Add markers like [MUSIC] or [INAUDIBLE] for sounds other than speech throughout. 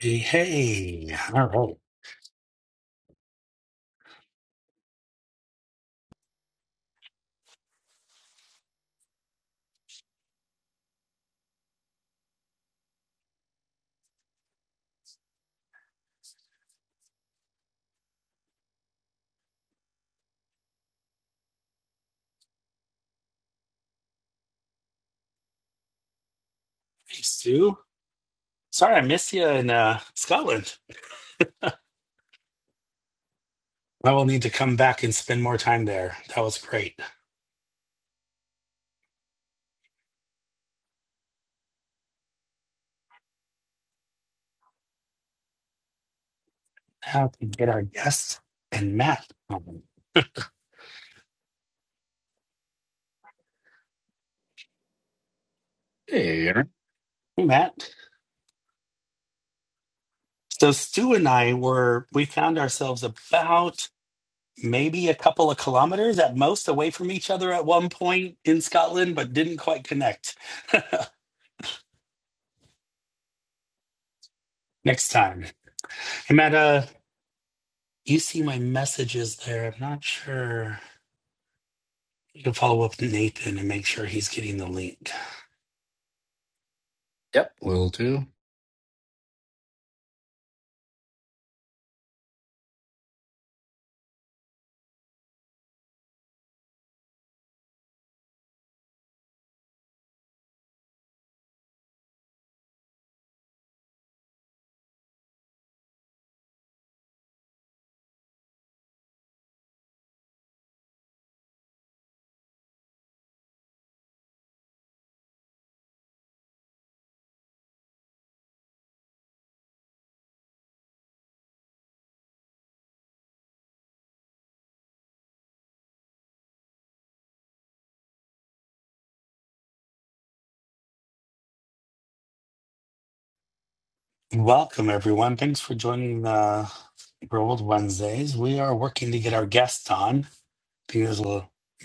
Hey, hey. All right. Hey, Stu. Sorry I missed you in uh, Scotland. I will need to come back and spend more time there. That was great. Now we get our guest and Matt. on. Hey, Aaron. Hey, Matt. So Stu and I were, we found ourselves about maybe a couple of kilometers at most away from each other at one point in Scotland, but didn't quite connect. [LAUGHS] Next time. Hey, Matt, uh, you see my messages there. I'm not sure. You can follow up with Nathan and make sure he's getting the link. Yep, will do. Welcome, everyone. Thanks for joining uh, World Wednesdays. We are working to get our guests on. there's a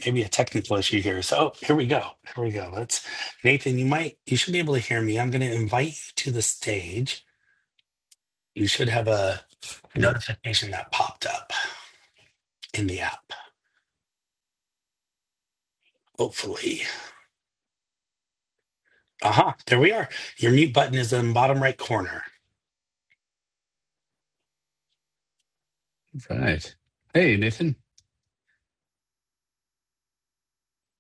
maybe a technical issue here. So here we go. Here we go. Let's, Nathan, you might, you should be able to hear me. I'm going to invite you to the stage. You should have a notification that popped up in the app, hopefully. Uh huh. There we are. Your mute button is in the bottom right corner. Right. Hey, Nathan.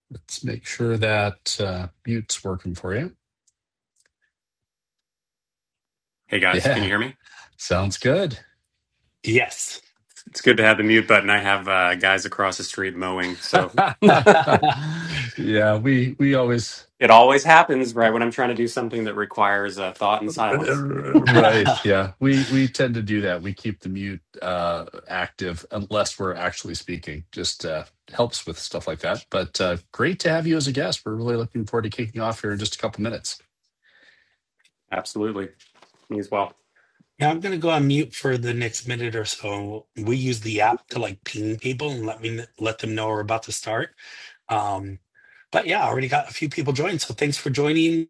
Let's make sure that uh, mute's working for you. [LAUGHS] Hey guys, can you Yeah, hear me? sounds good. Yes. It's good to have the mute button. I have uh, guys across the street mowing, [LAUGHS] so [LAUGHS] yeah, we we always it always happens right when I'm trying to do something that requires uh, thought and [LAUGHS] silence. right. Yeah, we we tend to do that. We keep the mute uh, active unless we're actually speaking. Just uh, helps with stuff like that. But uh, great to have you as a guest. We're really looking forward to kicking off here in just a couple minutes. Absolutely, me as well. Yeah, I'm gonna go on mute for the next minute or so. We use the app to like ping people and let me let them know we're about to start. Um, but yeah, I already got a few people joined, so thanks for joining.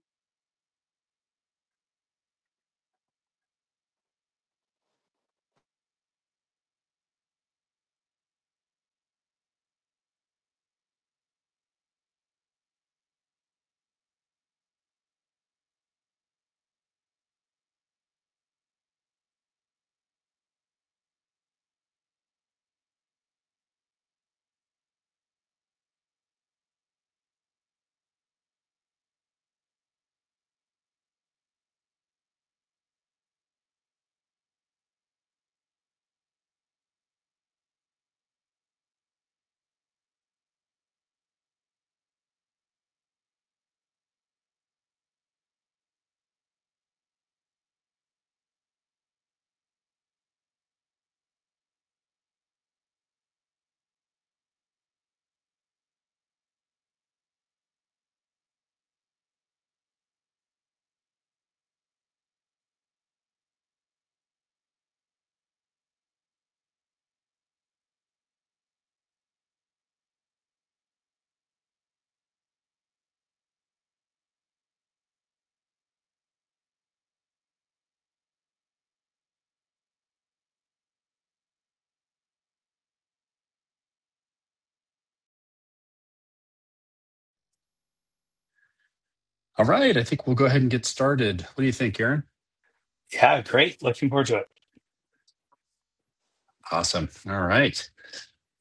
All right, I think we'll go ahead and get started. What do you think, Aaron? Yeah, great. Looking forward to it. Awesome. All right.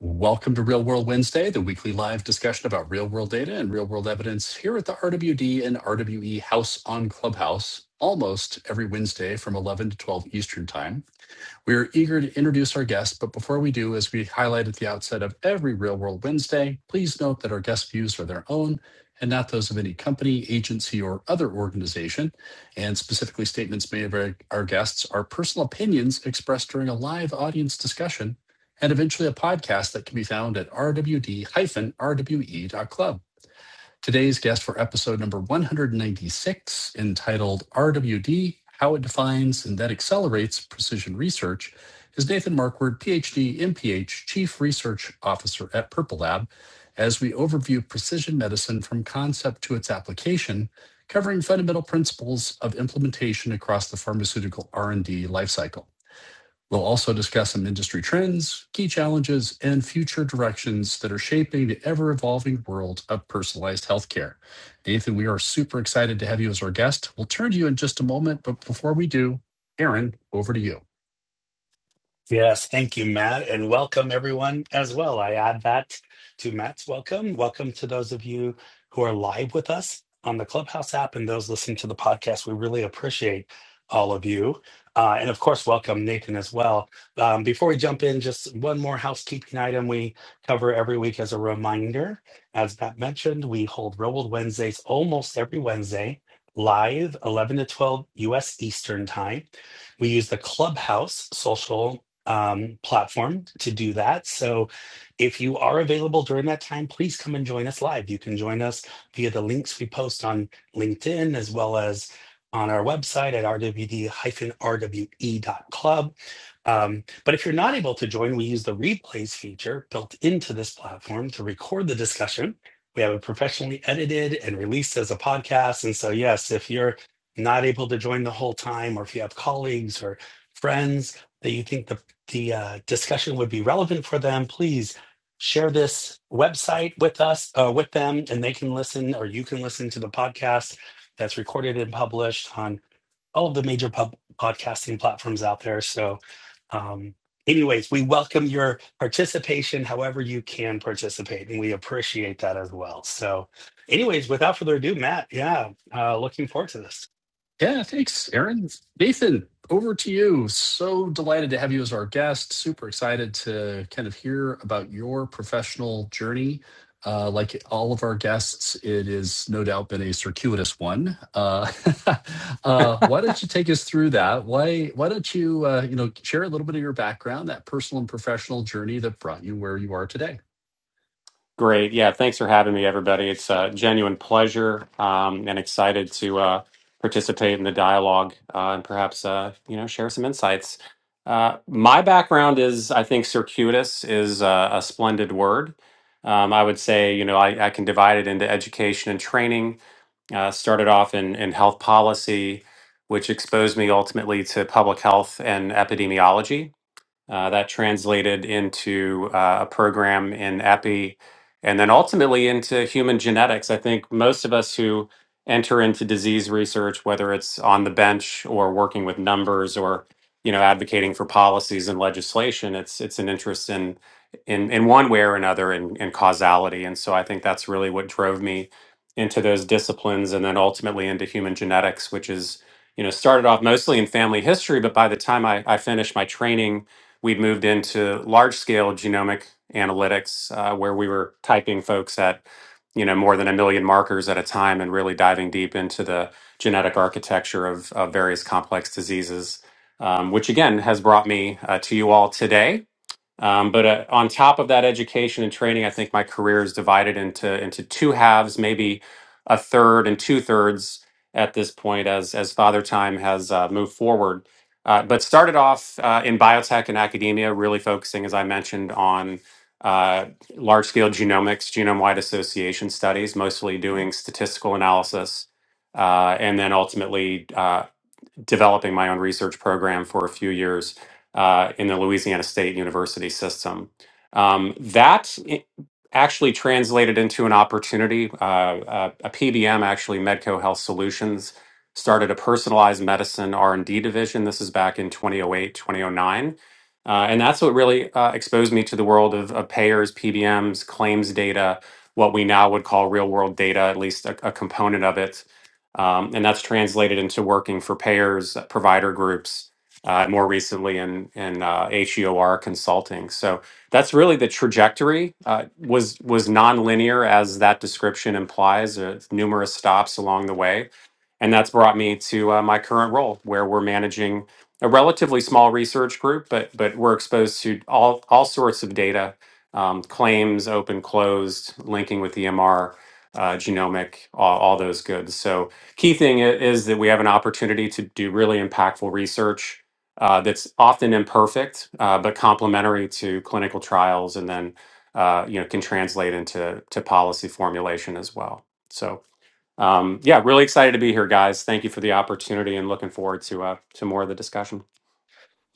Welcome to Real World Wednesday, the weekly live discussion about real world data and real world evidence here at the RWD and RWE House on Clubhouse, almost every Wednesday from 11 to 12 Eastern Time. We are eager to introduce our guest, but before we do, as we highlight at the outset of every Real World Wednesday, please note that our guest views are their own and not those of any company, agency, or other organization. And specifically, statements made by our guests are personal opinions expressed during a live audience discussion and eventually a podcast that can be found at rwd-rwe.club. Today's guest for episode number 196, entitled RWD How It Defines and Then Accelerates Precision Research, is Nathan Markward, PhD, MPH, Chief Research Officer at Purple Lab, as we overview precision medicine from concept to its application, covering fundamental principles of implementation across the pharmaceutical R&D lifecycle. We'll also discuss some industry trends, key challenges, and future directions that are shaping the ever-evolving world of personalized healthcare. Nathan, we are super excited to have you as our guest. We'll turn to you in just a moment, but before we do, Aaron, over to you. Yes, thank you, Matt, and welcome everyone as well. I add that to Matt's welcome. Welcome to those of you who are live with us on the Clubhouse app and those listening to the podcast. We really appreciate all of you. Uh, and of course, welcome Nathan as well. Um, before we jump in, just one more housekeeping item we cover every week as a reminder. As Matt mentioned, we hold Real World Wednesdays almost every Wednesday, live 11 to 12 US Eastern Time. We use the Clubhouse social um, platform to do that. So if you are available during that time, please come and join us live. You can join us via the links we post on LinkedIn as well as on our website at rwd-rwe.club. Um, but if you're not able to join, we use the replays feature built into this platform to record the discussion. We have it professionally edited and released as a podcast. And so, yes, if you're not able to join the whole time, or if you have colleagues or friends that you think the the uh, discussion would be relevant for them, please share this website with us, uh, with them, and they can listen or you can listen to the podcast that's recorded and published on all of the major pub- podcasting platforms out there. So, um, anyways, we welcome your participation however you can participate, and we appreciate that as well. So, anyways, without further ado, Matt, yeah, uh, looking forward to this. Yeah, thanks, Aaron. Nathan, over to you. So delighted to have you as our guest. Super excited to kind of hear about your professional journey uh, like all of our guests, it has no doubt been a circuitous one. Uh, [LAUGHS] uh, why don't you take us through that? Why Why don't you uh, you know share a little bit of your background, that personal and professional journey that brought you where you are today? Great, yeah. Thanks for having me, everybody. It's a genuine pleasure, um, and excited to uh, participate in the dialogue uh, and perhaps uh, you know share some insights. Uh, my background is, I think, circuitous is uh, a splendid word. Um, I would say, you know, I, I can divide it into education and training Uh, started off in, in health policy, which exposed me ultimately to public health and epidemiology. Uh, that translated into uh, a program in epi and then ultimately into human genetics. I think most of us who enter into disease research, whether it's on the bench or working with numbers or you know advocating for policies and legislation, it's it's an interest in in, in one way or another in, in causality. And so I think that's really what drove me into those disciplines and then ultimately into human genetics, which is, you know, started off mostly in family history, but by the time I, I finished my training we moved into large scale genomic analytics uh, where we were typing folks at you know more than a million markers at a time and really diving deep into the genetic architecture of, of various complex diseases um, which again has brought me uh, to you all today um, but uh, on top of that education and training, I think my career is divided into into two halves, maybe a third and two thirds at this point as as father time has uh, moved forward. Uh, but started off uh, in biotech and academia, really focusing, as I mentioned, on uh, large scale genomics, genome wide association studies, mostly doing statistical analysis, uh, and then ultimately uh, developing my own research program for a few years uh, in the Louisiana State University system. Um, that i- actually translated into an opportunity. Uh, uh, a, PBM, actually, Medco Health Solutions, started a personalized medicine R&D division. This is back in 2008, 2009. Uh, and that's what really uh, exposed me to the world of, of payers, PBMs, claims data, what we now would call real world data, at least a, a component of it um, and that's translated into working for payers, uh, provider groups, uh, more recently in in uh, HEOR consulting. So that's really the trajectory. Uh, was was nonlinear as that description implies. Uh, numerous stops along the way and that's brought me to uh, my current role, where we're managing a relatively small research group, but but we're exposed to all all sorts of data, um, claims, open, closed, linking with EMR, uh, genomic, all, all those goods. So key thing i- is that we have an opportunity to do really impactful research uh, that's often imperfect, uh, but complementary to clinical trials, and then uh, you know can translate into to policy formulation as well. So um, yeah, really excited to be here, guys. Thank you for the opportunity and looking forward to uh, to more of the discussion.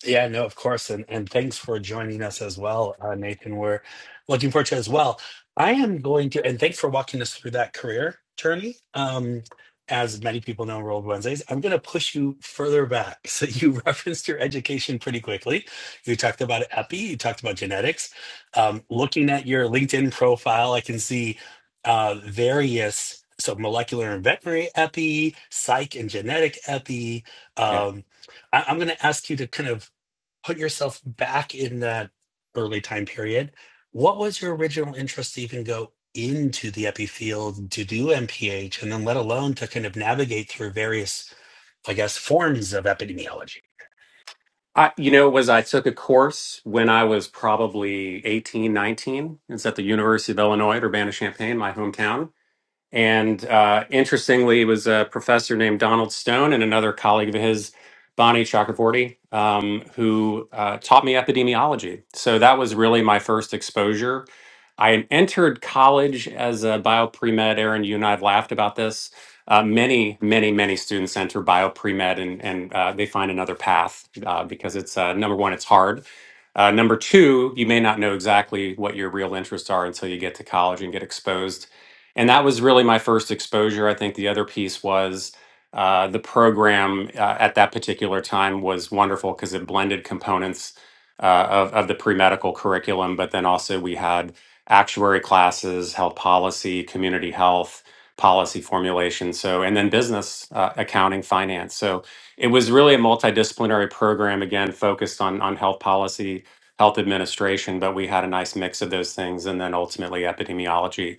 Yeah, no, of course. And and thanks for joining us as well, uh, Nathan. We're looking forward to it as well. I am going to, and thanks for walking us through that career journey. Um, as many people know, World Wednesdays, I'm going to push you further back. [LAUGHS] So you referenced your education pretty quickly. You talked about EPI, you talked about genetics. Um, looking at your LinkedIn profile, I can see uh, various, so molecular and veterinary EPI, psych and genetic EPI, Yeah. um, I, I'm going to ask you to kind of put yourself back in that early time period, what was your original interest to even go into the epi field to do MPH and then let alone to kind of navigate through various, I guess, forms of epidemiology? I, you know, was I took a course when I was probably 18, 19. It's at the University of Illinois at Urbana-Champaign, my hometown. And uh, interestingly, it was a professor named Donald Stone and another colleague of his, Bonnie Chakravorty, um, who uh, taught me epidemiology. So that was really my first exposure. I entered college as a bio pre med. Aaron, you and I have laughed about this. Uh, many, many, many students enter bio pre med and, and uh, they find another path uh, because it's uh, number one, it's hard. Uh, number two, you may not know exactly what your real interests are until you get to college and get exposed and that was really my first exposure. I think the other piece was uh, the program uh, at that particular time was wonderful because it blended components uh, of, of the pre medical curriculum, but then also we had actuary classes, health policy, community health, policy formulation, so and then business uh, accounting, finance. So it was really a multidisciplinary program again focused on on health policy. Health administration, but we had a nice mix of those things, and then ultimately epidemiology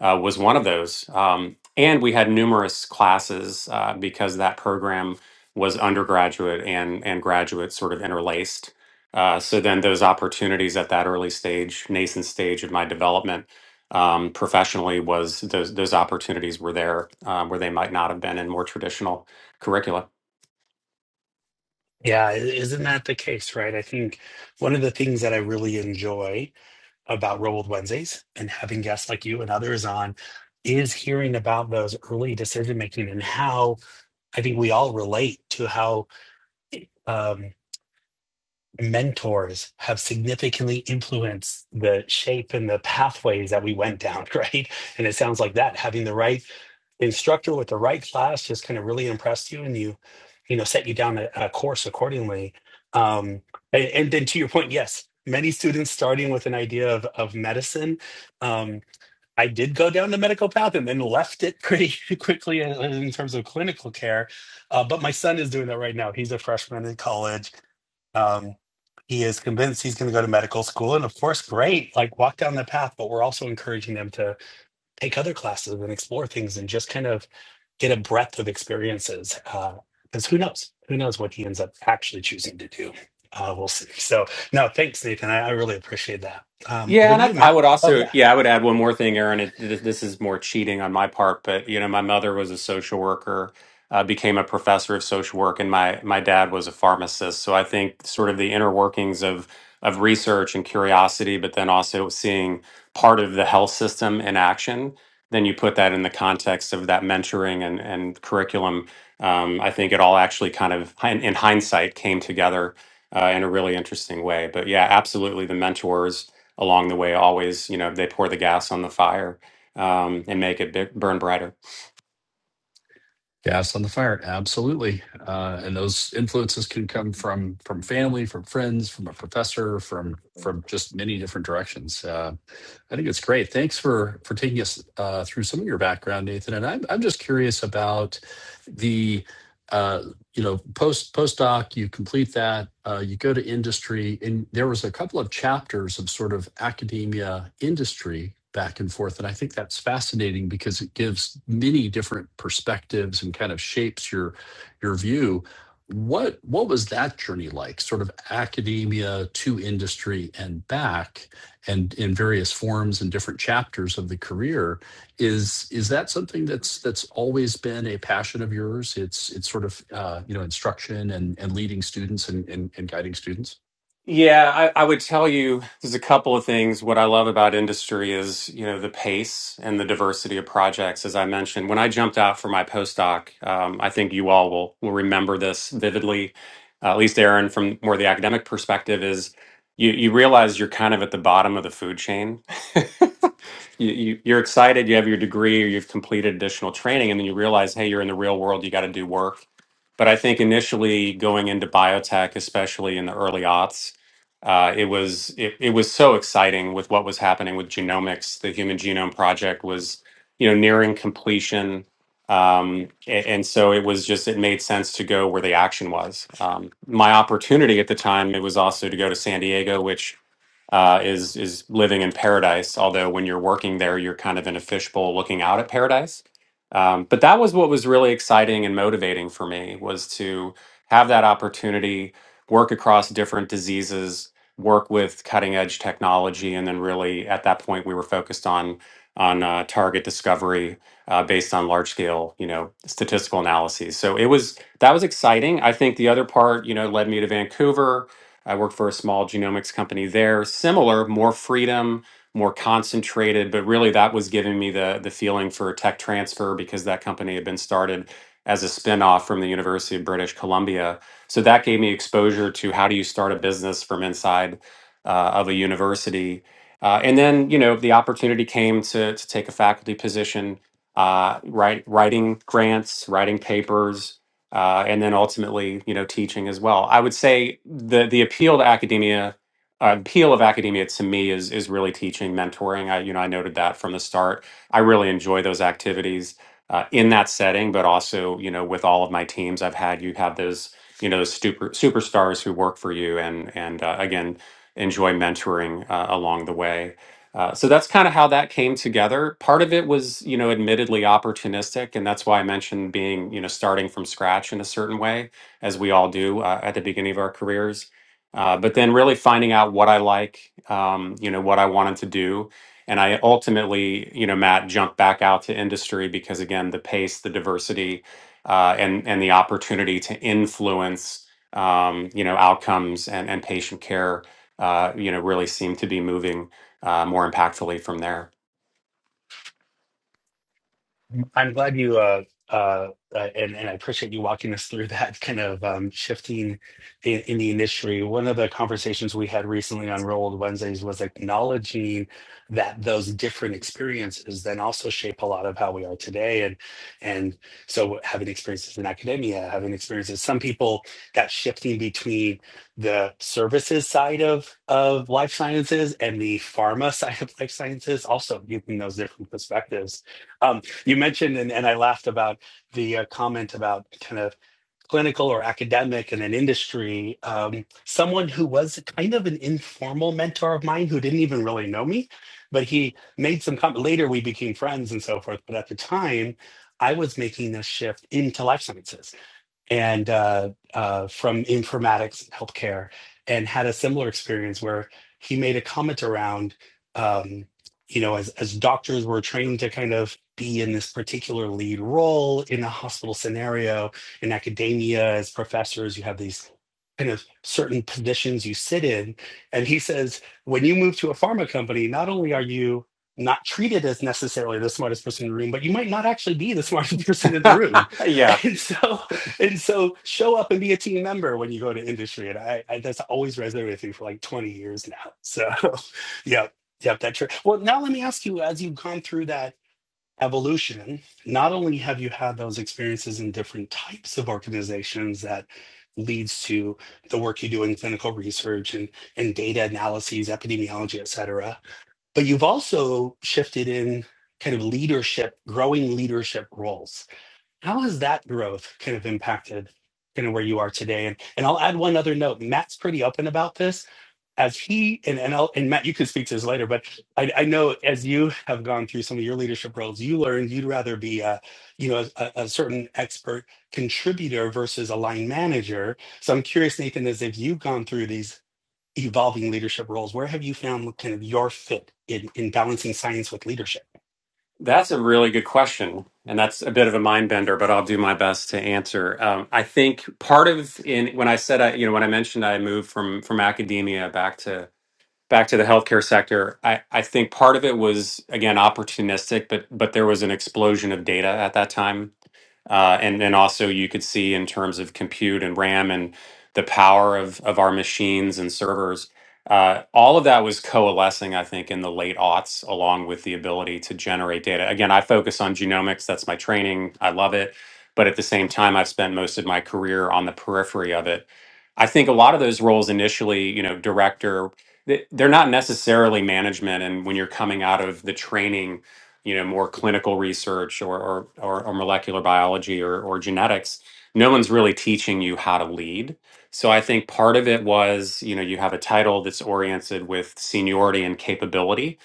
uh, was one of those. Um, and we had numerous classes uh, because that program was undergraduate and, and graduate sort of interlaced. Uh, so then those opportunities at that early stage, nascent stage of my development um, professionally was those, those opportunities were there uh, where they might not have been in more traditional curricula. Yeah, isn't that the case, right? I think one of the things that I really enjoy about Rolled Wednesdays and having guests like you and others on is hearing about those early decision making and how I think we all relate to how um, mentors have significantly influenced the shape and the pathways that we went down, [LAUGHS] right? And it sounds like that having the right instructor with the right class just kind of really impressed you and you, you know, set you down a, a course accordingly. Um, and, and then to your point, yes, many students starting with an idea of, of medicine. Um, I did go down the medical path and then left it pretty [LAUGHS] quickly in in terms of clinical care. Uh, but my son is doing that right now. He's a freshman in college um, he is convinced he's going to go to medical school, and of course, great, like walk down the path. But we're also encouraging them to take other classes and explore things, and just kind of get a breadth of experiences. Because who knows? Who knows what he ends up actually choosing to do? Uh, we'll see. So, no, thanks, Nathan. I, I really appreciate that. Um, Yeah, over and to you, that's, I Matt. would Oh also, yeah. yeah, I would add one more thing, Aaron. It, th- this is more cheating on my part, but you know, my mother was a social worker, uh, became a professor of social work, and my my dad was a pharmacist. So I think sort of the inner workings of of research and curiosity, but then also seeing part of the health system in action. Then you put that in the context of that mentoring and and curriculum. Um, I think it all actually kind of, in in hindsight, came together uh, in a really interesting way. But yeah, absolutely, the mentors along the way always you know they pour the gas on the fire um, and make it bi- burn brighter Gas on the fire, absolutely. Uh, and those influences can come from from family, from friends, from a professor, from from just many different directions. Uh, I think it's great. Thanks for for taking us uh, through some of your background, Nathan. And I'm I'm just curious about the uh, you know post postdoc. You complete that. Uh, you go to industry, and there was a couple of chapters of sort of academia industry back and forth. And I think that's fascinating because it gives many different perspectives and kind of shapes your your view. What what was that journey like? Sort of academia to industry and back and in various forms and different chapters of the career is is that something that's that's always been a passion of yours it's it's sort of uh, you know instruction and and leading students and and, and guiding students yeah I, I would tell you there's a couple of things what i love about industry is you know the pace and the diversity of projects as i mentioned when i jumped out for my postdoc um, i think you all will, will remember this vividly uh, at least aaron from more the academic perspective is you, you realize you're kind of at the bottom of the food chain you, you you're excited you have your degree or you've completed additional training and then you realize hey you're in the real world you got to do work but i think initially going into biotech especially in the early aughts uh, it was it, it was so exciting with what was happening with genomics the human genome project was you know nearing completion um, a- and, so it was just it made sense to go where the action was um, my opportunity at the time it was also to go to san diego which uh, is is living in paradise. Although when you're working there, you're kind of in a fishbowl looking out at paradise. Um, but that was what was really exciting and motivating for me was to have that opportunity, work across different diseases, work with cutting edge technology, and then really at that point we were focused on on uh, target discovery uh, based on large scale, you know, statistical analyses. So it was that was exciting. I think the other part, you know, led me to Vancouver I worked for a small genomics company there. Similar, more freedom, more concentrated, but really that was giving me the the feeling for tech transfer because that company had been started as a spinoff from the University of British Columbia. So that gave me exposure to how do you start a business from inside uh, of a university. Uh, and then, you know, the opportunity came to, to take a faculty position, uh, write, writing grants, writing papers, uh, and then ultimately, you know, teaching as well. I would say the the appeal to academia, uh, appeal of academia to me is is really teaching, mentoring. I you know I noted that from the start. I really enjoy those activities uh, in that setting, but also you know with all of my teams I've had, you have those you know those super superstars who work for you, and and uh, again enjoy mentoring uh, along the way. Uh, so that's kind of how that came together. Part of it was, you know, admittedly opportunistic, and that's why I mentioned being, you know, starting from scratch in a certain way, as we all do uh, at the beginning of our careers. Uh, but then really finding out what I like, um, you know, what I wanted to do, and I ultimately, you know, Matt jumped back out to industry because again, the pace, the diversity, uh, and and the opportunity to influence, um, you know, outcomes and and patient care, uh, you know, really seemed to be moving uh, more impactfully from there? I'm glad you uh, uh, uh, and and I appreciate you walking us through [LAUGHS] that kind of um, shifting in, in the industry. One of the conversations we had recently on Roll Old Wednesdays was acknowledging that those different experiences then also shape a lot of how we are today. And and so having experiences in academia, having experiences, some people that shifting between the services side of of life sciences and the pharma [LAUGHS] side of life sciences also giving those different perspectives. Um, you mentioned, and, and I laughed about the uh, comment about kind of clinical or academic and an industry. Um, someone who was kind of an informal mentor of mine who didn't even really know me, but he made some comment. Later, we became friends and so forth. But at the time, I was making this shift into life sciences and uh, uh, from informatics healthcare and had a similar experience where he made a comment around um, you know as, as doctors were trained to kind of be in this particular lead role in a hospital scenario in academia as professors you have these kind of certain positions you sit in and he says when you move to a pharma company not only are you not treated as necessarily the smartest person in the room but you might not actually be the [LAUGHS] smartest person in the [LAUGHS] room yeah, [LAUGHS] and so and so show up and be a team member when you go to industry. And I, I that's always resonated with me for like 20 years now. So [LAUGHS] yep, yep, that's true. Well, now let me ask you, as you've gone through that evolution, not only have you had those experiences in different types of organizations that leads to the work you do in clinical research and, and data analyses, epidemiology, et cetera, but you've also shifted in kind of leadership, growing leadership roles how has that growth kind of impacted kind of where you are today? And and I'll add one other note. Matt's pretty open about this. As he and and, I'll, and Matt, you can speak to this later, but I, I know as you have gone through some of your leadership roles, you learned you'd rather be a you know a, a certain expert contributor versus a line manager. So I'm curious, Nathan, as if you've gone through these evolving leadership roles, where have you found kind of your fit in in balancing science with leadership? that's a really good question. And that's a bit of a mind bender, but I'll do my best to answer. Um, I think part of in when I said I, you know, when I mentioned I moved from from academia back to back to the healthcare sector, I, I think part of it was again opportunistic, but but there was an explosion of data at that time Uh, and then also you could see in terms of compute and RAM and the power of, of our machines and servers. Uh, all of that was coalescing, I think, in the late aughts, along with the ability to generate data. Again, I focus on genomics. That's my training. I love it. But at the same time, I've spent most of my career on the periphery of it. I think a lot of those roles initially, you know, director, they- they're not necessarily management. And when you're coming out of the training you know more clinical research or or, or, or molecular biology or, or genetics no one's really teaching you how to lead so i think part of it was you know you have a title that's oriented with seniority and capability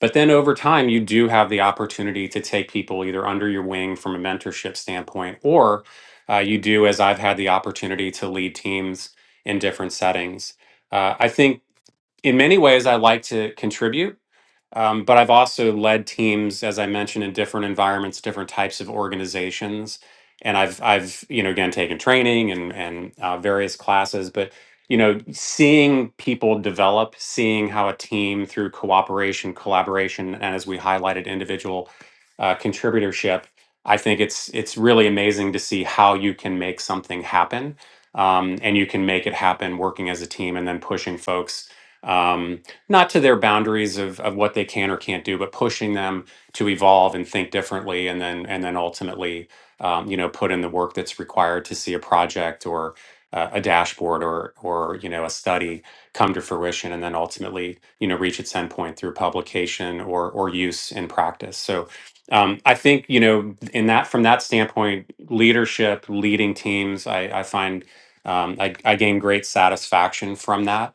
but then over time you do have the opportunity to take people either under your wing from a mentorship standpoint or uh, you do as i've had the opportunity to lead teams in different settings uh, i think in many ways, I like to contribute, um, but I've also led teams, as I mentioned, in different environments, different types of organizations, and I've I've you know again taken training and and uh, various classes, but you know seeing people develop, seeing how a team through cooperation, collaboration, and as we highlighted, individual uh, contributorship. I think it's it's really amazing to see how you can make something happen, um, and you can make it happen working as a team, and then pushing folks um, not to their boundaries of, of what they can or can't do, but pushing them to evolve and think differently, and then and then ultimately, um, you know, put in the work that's required to see a project or uh, a dashboard or or you know a study come to fruition, and then ultimately, you know, reach its endpoint through publication or or use in practice. So. Um, I think you know, in that from that standpoint, leadership, leading teams, I, I find um, I, I gain great satisfaction from that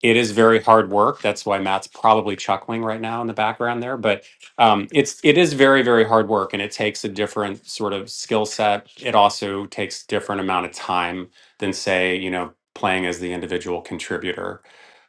it is very hard work. That's why Matt's probably chuckling right now in the background there. But um, it's it is very very hard work, and it takes a different sort of skill set. It also takes different amount of time than say you know playing as the individual contributor.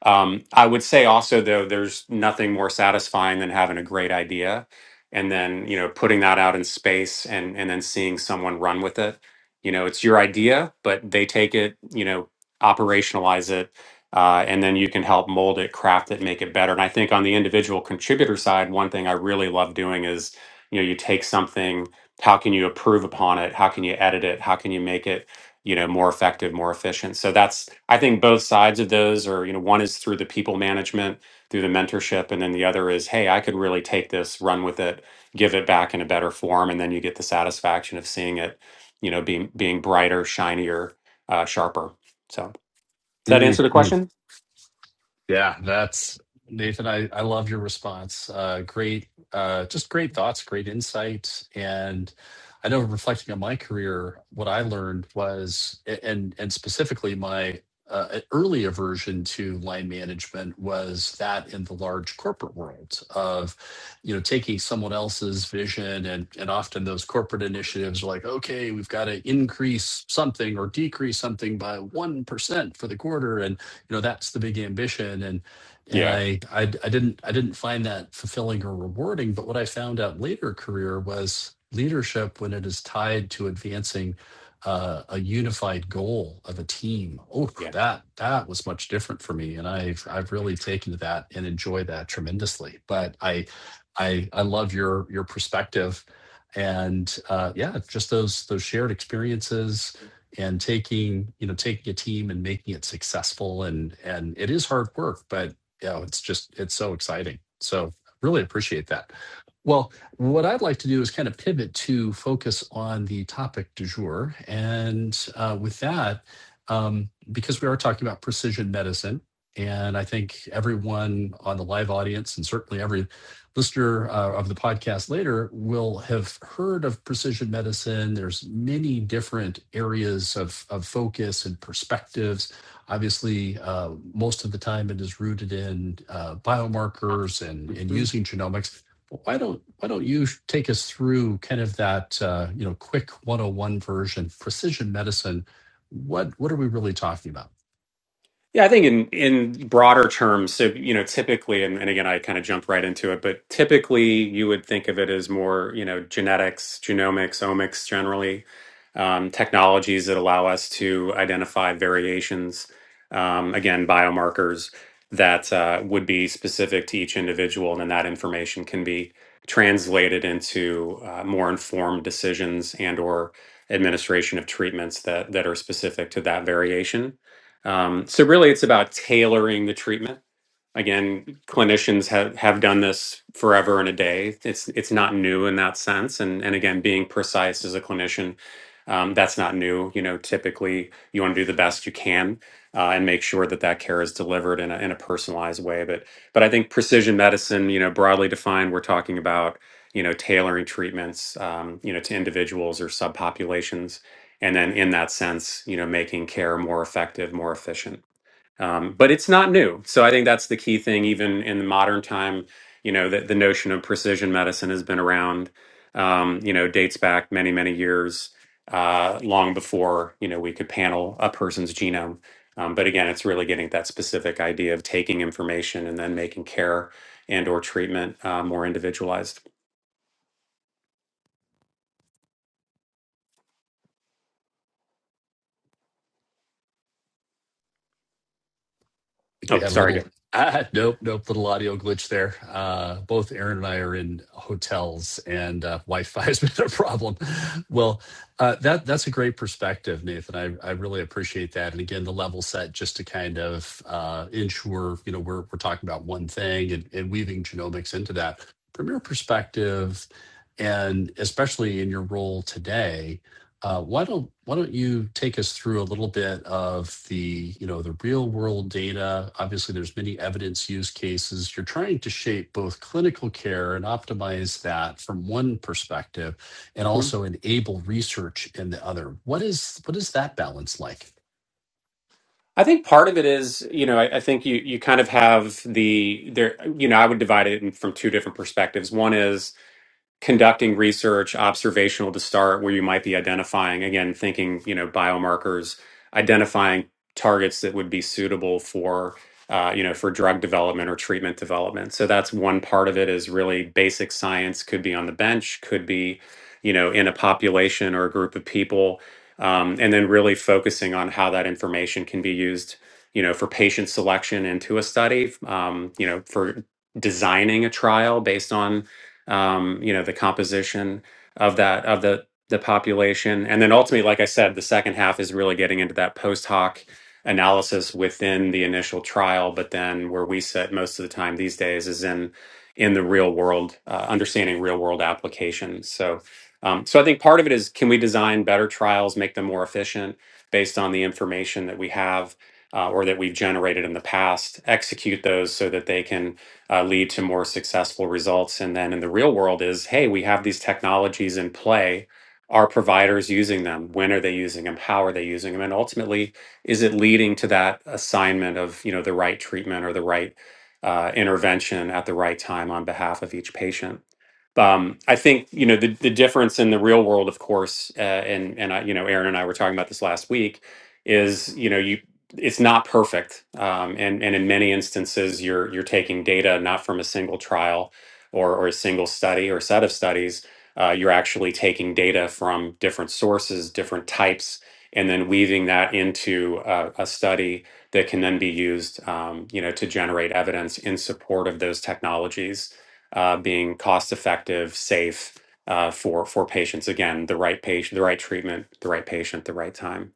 Um, I would say also though, there's nothing more satisfying than having a great idea, and then you know putting that out in space and and then seeing someone run with it. You know, it's your idea, but they take it, you know, operationalize it uh, and then you can help mold it, craft it, make it better. And I think on the individual contributor side, one thing I really love doing is, you know, you take something, how can you improve upon it? How can you edit it? How can you make it, you know, more effective, more efficient? So that's, I think both sides of those are, you know, one is through the people management, through the mentorship, and then the other is, hey, I could really take this, run with it, give it back in a better form, and then you get the satisfaction of seeing it, you know, being being brighter, shinier, uh, sharper. So does that answer the Mm-hmm. question? Yeah, that's Nathan. I, I love your response. Uh, great, uh, just great thoughts, great insight. And I know reflecting on my career, what I learned was, and and specifically my uh, early aversion to line management was that in the large corporate world of, you know, taking someone else's vision and and often those corporate initiatives are like, okay, we've got to increase something or decrease something by one percent for the quarter, and you know that's the big ambition and and Yeah. I, I i didn't i didn't find that fulfilling or rewarding but what i found out later in career was leadership when it is tied to advancing uh, a unified goal of a team oh Yeah. that that was much different for me and i've i've really taken to that and enjoy that tremendously but i i i love your your perspective and uh, yeah, just those those shared experiences and taking you know taking a team and making it successful and and it is hard work but you know it's just it's so exciting so really appreciate that well what i'd like to do is kind of pivot to focus on the topic du jour and uh, with that um, because we are talking about precision medicine and i think everyone on the live audience and certainly every listener uh, of the podcast later will have heard of precision medicine. There's many different areas of, of focus and perspectives. Obviously, uh, most of the time it is rooted in uh, biomarkers and, and Mhm. using genomics. Why don't why don't you take us through kind of that uh, you know quick 101 version precision medicine? What what are we really talking about? Yeah, I think in in broader terms, so you know, typically, and, and again, I kind of jumped right into it, but typically, you would think of it as more, you know, genetics, genomics, omics, generally, um, technologies that allow us to identify variations, um, again, biomarkers that uh, would be specific to each individual, and then that information can be translated into uh, more informed decisions and or administration of treatments that that are specific to that variation. Um, so really, it's about tailoring the treatment again clinicians have, have done this forever and a day it's it's not new in that sense and and again being precise as a clinician um, that's not new you know typically you want to do the best you can uh, and make sure that that care is delivered in a, in a personalized way but but i think precision medicine you know broadly defined we're talking about you know tailoring treatments um, you know to individuals or subpopulations and then in that sense you know making care more effective more efficient um, but it's not new so i think that's the key thing even in the modern time you know that the notion of precision medicine has been around um, you know dates back many many years uh, long before you know we could panel a person's genome um, but again it's really getting that specific idea of taking information and then making care and or treatment uh, more individualized think we oh had a sorry little Dick. [LAUGHS] ah, nope nope little audio glitch there uh both aaron and i are in hotels and uh, wi-fi [LAUGHS] has been a problem well uh that that's a great perspective nathan i i really appreciate that and again the level set just to kind of uh ensure you know we're we're talking about one thing and, and weaving genomics into that from your perspective and especially in your role today uh, why don't why don't you take us through a little bit of the you know the real world data? Obviously, there's many evidence use cases. You're trying to shape both clinical care and optimize that from one perspective, and Mhm. also enable research in the other. What is what is that balance like? I think part of it is, you know, I, I think you you kind of have the there, you know, I would divide it in, from two different perspectives. One is conducting research observational to start where you might be identifying again thinking you know biomarkers identifying targets that would be suitable for uh, you know for drug development or treatment development so that's one part of it is really basic science could be on the bench could be you know in a population or a group of people um, and then really focusing on how that information can be used you know for patient selection into a study um, you know for designing a trial based on um, you know, the composition of that of the the population, and then ultimately, like I said, the second half is really getting into that post hoc analysis within the initial trial, but then where we sit most of the time these days is in in the real world, uh, understanding real world applications. So, um, so I think part of it is can we design better trials, make them more efficient based on the information that we have uh, or that we've generated in the past, execute those so that they can uh, lead to more successful results. And then in the real world is, hey, we have these technologies in play. Are providers using them? When are they using them? How are they using them? And ultimately, is it leading to that assignment of you know the right treatment or the right uh, intervention at the right time on behalf of each patient? Um, I think you know the, the difference in the real world, of course, uh, and and I, you know Aaron and I were talking about this last week is you know you it's not perfect, um, and and in many instances, you're you're taking data not from a single trial or or a single study or set of studies. Uh, you're actually taking data from different sources, different types, and then weaving that into a, a study that can then be used, um, you know, to generate evidence in support of those technologies uh, being cost effective, safe uh, for for patients. Again, the right patient, the right treatment, the right patient, the right time.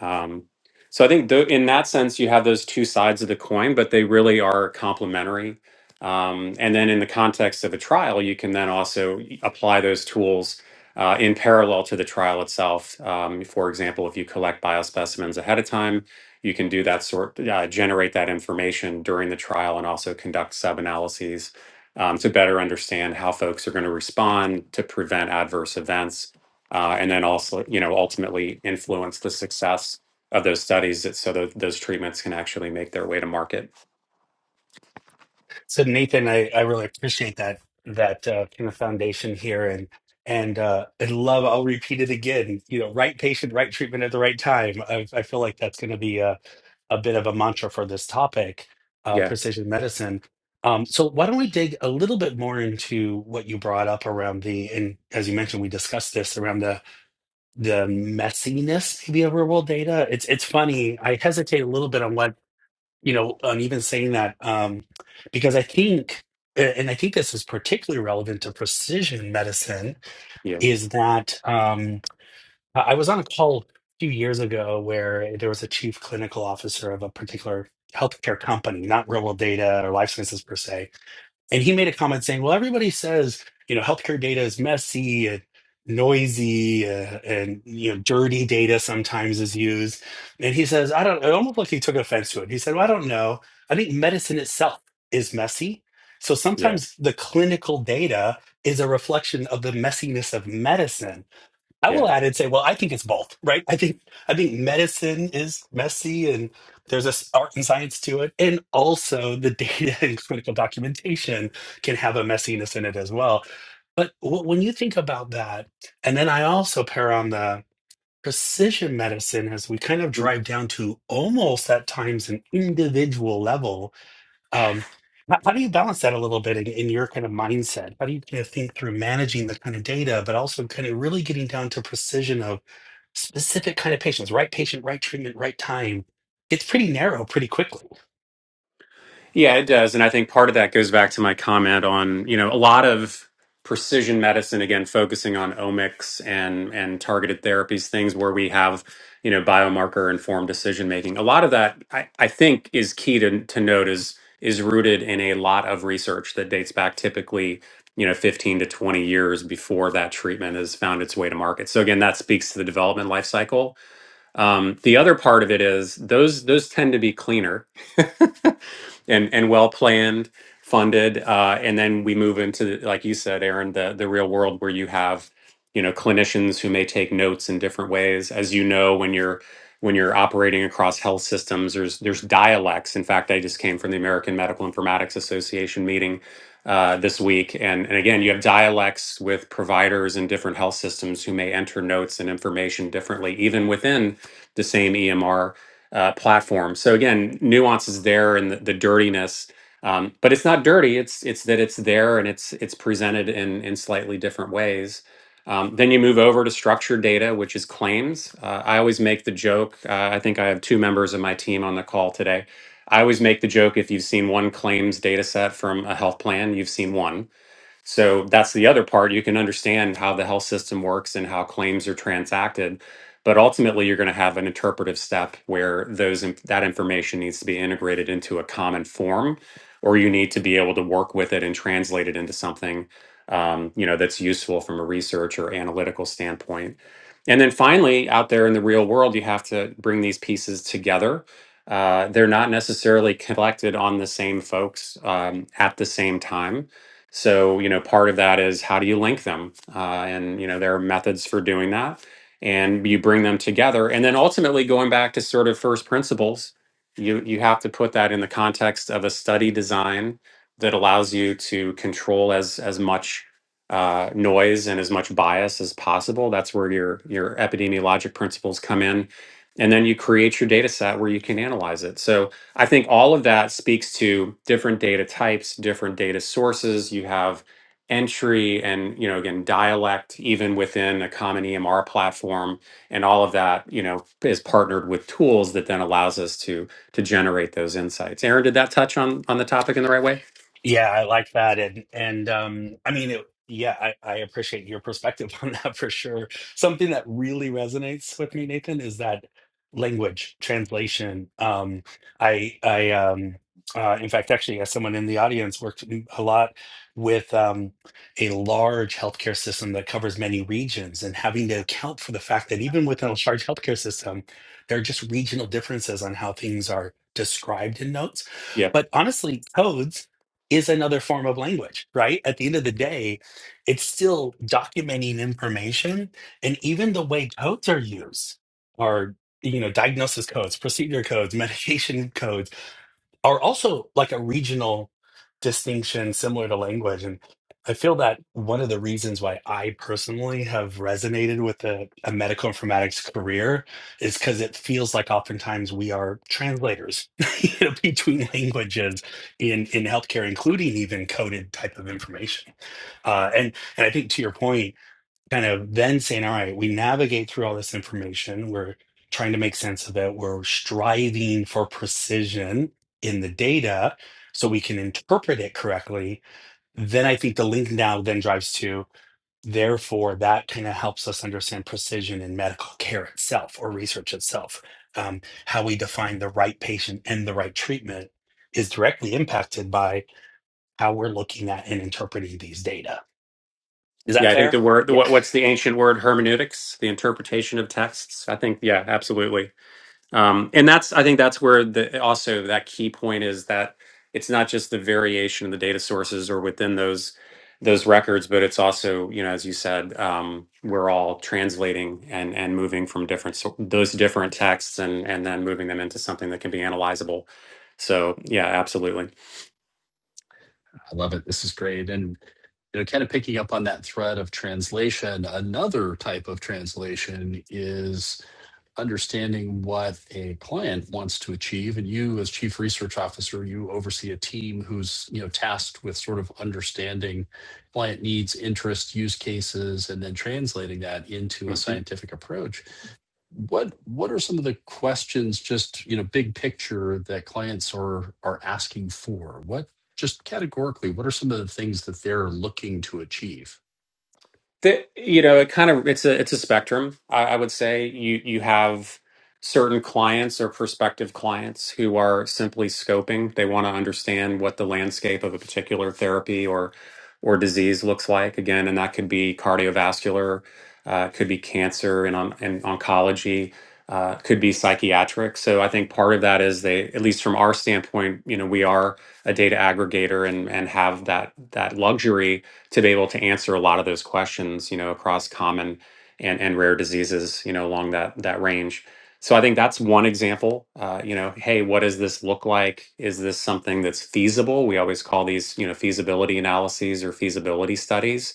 Um, so I think tho- in that sense, you have those two sides of the coin, but they really are complementary. Um, and then in the context of a trial, you can then also y- apply those tools uh, in parallel to the trial itself. Um, for example, if you collect biospecimens ahead of time, you can do that sort, uh, generate that information during the trial and also conduct sub analyses um, to better understand how folks are going to respond to prevent adverse events uh, and then also, you know, ultimately influence the success of those studies that so that those treatments can actually make their way to market. So Nathan, I, I really appreciate that that uh, kind of foundation here, and and uh, I love. I'll repeat it again. You know, right patient, right treatment at the right time. I, I feel like that's going to be a a bit of a mantra for this topic, uh, Yeah, precision medicine. Um, so why don't we dig a little bit more into what you brought up around the and as you mentioned, we discussed this around the the messiness maybe of real world data. It's it's funny. I hesitate a little bit on what you know, and even saying that um, because I think, and I think this is particularly relevant to precision medicine, yeah, is that um, I I was on a call a few years ago where there was a chief clinical officer of a particular healthcare company, not real world data or life sciences per se, and he made a comment saying, well, everybody says, you know, healthcare data is messy and noisy uh, and, you know, dirty data sometimes is used. And he says, I don't, it almost like he took offense to it. He said, well, I don't know. I think medicine itself is messy. So yeah, sometimes the clinical data is a reflection of the messiness of medicine. I will yeah. add and say, well, I think it's both, right? I think I think medicine is messy, and there's this art and science to it, and also the data [LAUGHS] and clinical documentation can have a messiness in it as well. But w- when you think about that, and then I also pair on the precision medicine as we kind of drive down to almost at times an individual level um, how, how do you balance that a little bit in, in your kind of mindset? How do you kind of think through managing the kind of data, but also kind of really getting down to precision of specific kind of patients, right patient, right treatment, right time? It's pretty narrow pretty quickly. Yeah, it does. And I think part of that goes back to my comment on, you know, a lot of precision medicine, again, focusing on omics and, and targeted therapies, things where we have, you know, biomarker informed decision making. A lot of that I, I think is key to, to note is is rooted in a lot of research that dates back typically, you know, 15 to 20 years before that treatment has found its way to market. So again, that speaks to the development life cycle. Um, the other part of it is those those tend to be cleaner and and well planned, funded, uh, and then we move into, like you said, Aaron, the the real world where you have you know clinicians who may take notes in different ways. As you know, when you're when you're operating across health systems, there's there's dialects. In fact, I just came from the American Medical Informatics Association meeting uh, this week, and and again, you have dialects with providers in different health systems who may enter notes and information differently, even within the same EMR uh, platform. So again, nuance is there and the, the dirtiness, um, but it's not dirty. It's it's that it's there and it's it's presented in in slightly different ways. Um, then you move over to structured data, which is claims. Uh, I always make the joke. Uh, I think I have two members of my team on the call today. I always make the joke if you've seen one claims data set from a health plan, you've seen one so that's the other part. You can understand how the health system works and how claims are transacted, but ultimately you're going to have an interpretive step where those in- that information needs to be integrated into a common form, or you need to be able to work with it and translate it into something um, you know that's useful from a research or analytical standpoint. And then finally, out there in the real world, you have to bring these pieces together. Uh, they're not necessarily collected on the same folks um, at the same time so, you know, part of that is how do you link them? Uh, and, you know, there are methods for doing that. And you bring them together. And then ultimately going back to sort of first principles, you, you have to put that in the context of a study design that allows you to control as, as much uh, noise and as much bias as possible. That's where your, your epidemiologic principles come in. And then you create your data set where you can analyze it. So, I think all of that speaks to different data types, different data sources. You have entry and, you know, again, dialect, even within a common EMR platform. And all of that, you know, is partnered with tools that then allows us to to generate those insights. Aaron, did that touch on on the topic in the right way? Yeah, I like that. And and um I mean it yeah, I, I appreciate your perspective [LAUGHS] on that for sure. Something that really resonates with me, Nathan, is that language translation. Um I I um uh, in fact, actually, as someone in the audience, worked a lot with um, a large healthcare system that covers many regions, and having to account for the fact that even within a large healthcare system, there are just regional differences on how things are described in notes. Yeah. But honestly, codes is another form of language, right? At the end of the day, it's still documenting information. And even the way codes are used are, you know, diagnosis codes, procedure codes, [LAUGHS] medication codes are also like a regional distinction similar to language and i feel that one of the reasons why i personally have resonated with a, a medical informatics career is because it feels like oftentimes we are translators [LAUGHS] you know, between languages in in healthcare including even coded type of information uh, and and i think to your point kind of then saying, all right, we navigate through all this information. We're trying to make sense of it. We're striving for precision in the data so we can interpret it correctly. Then I think the link now then drives to, therefore, that kind of helps us understand precision in medical care itself or research itself. Um, how we define the right patient and the right treatment is directly impacted by how we're looking at and interpreting these data. Is that Yeah, I think fair? the word what, Yeah. what's the ancient word hermeneutics, the interpretation of texts. I think, yeah, absolutely. um, and that's i think that's where the also that key point is that it's not just the variation in the data sources or within those those records but it's also you know as you said um, we're all translating and and moving from different sor- those different texts and and then moving them into something that can be analyzable so yeah absolutely I love it. This is great. And you know, kind of picking up on that thread of translation, another type of translation is understanding what a client wants to achieve and you as chief research officer you oversee a team who's you know tasked with sort of understanding client needs interests use cases and then translating that into a scientific approach what what are some of the questions, just, you know, big picture that clients are are asking for? What, just categorically, what are some of the things that they're looking to achieve? The, you know, it kind of it's a it's a spectrum. I, I would say you you have certain clients or prospective clients who are simply scoping. They want to understand what the landscape of a particular therapy or or disease looks like. Again, and that could be cardiovascular, uh, could be cancer and on and oncology. Uh, could be psychiatric. So I think part of that is they, at least from our standpoint, you know, we are a data aggregator and and have that that luxury to be able to answer a lot of those questions, you know, across common and, and rare diseases, you know, along that that range. So I think that's one example. Uh, you know, hey, what does this look like? Is this something that's feasible? We always call these, you know, feasibility analyses or feasibility studies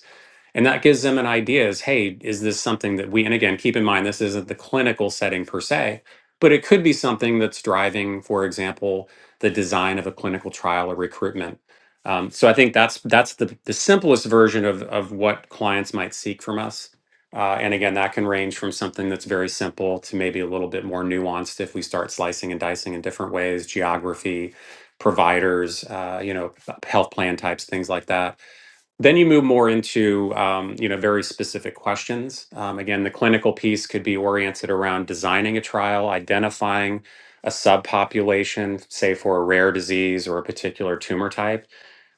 and that gives them an idea is, hey, is this something that we, and again, keep in mind, this isn't the clinical setting per se, but it could be something that's driving, for example, the design of a clinical trial or recruitment. Um, so I think that's that's the, the simplest version of, of what clients might seek from us. Uh, and again, that can range from something that's very simple to maybe a little bit more nuanced if we start slicing and dicing in different ways, geography, providers, uh, you know, health plan types, things like that then you move more into um, you know very specific questions um, again the clinical piece could be oriented around designing a trial identifying a subpopulation say for a rare disease or a particular tumor type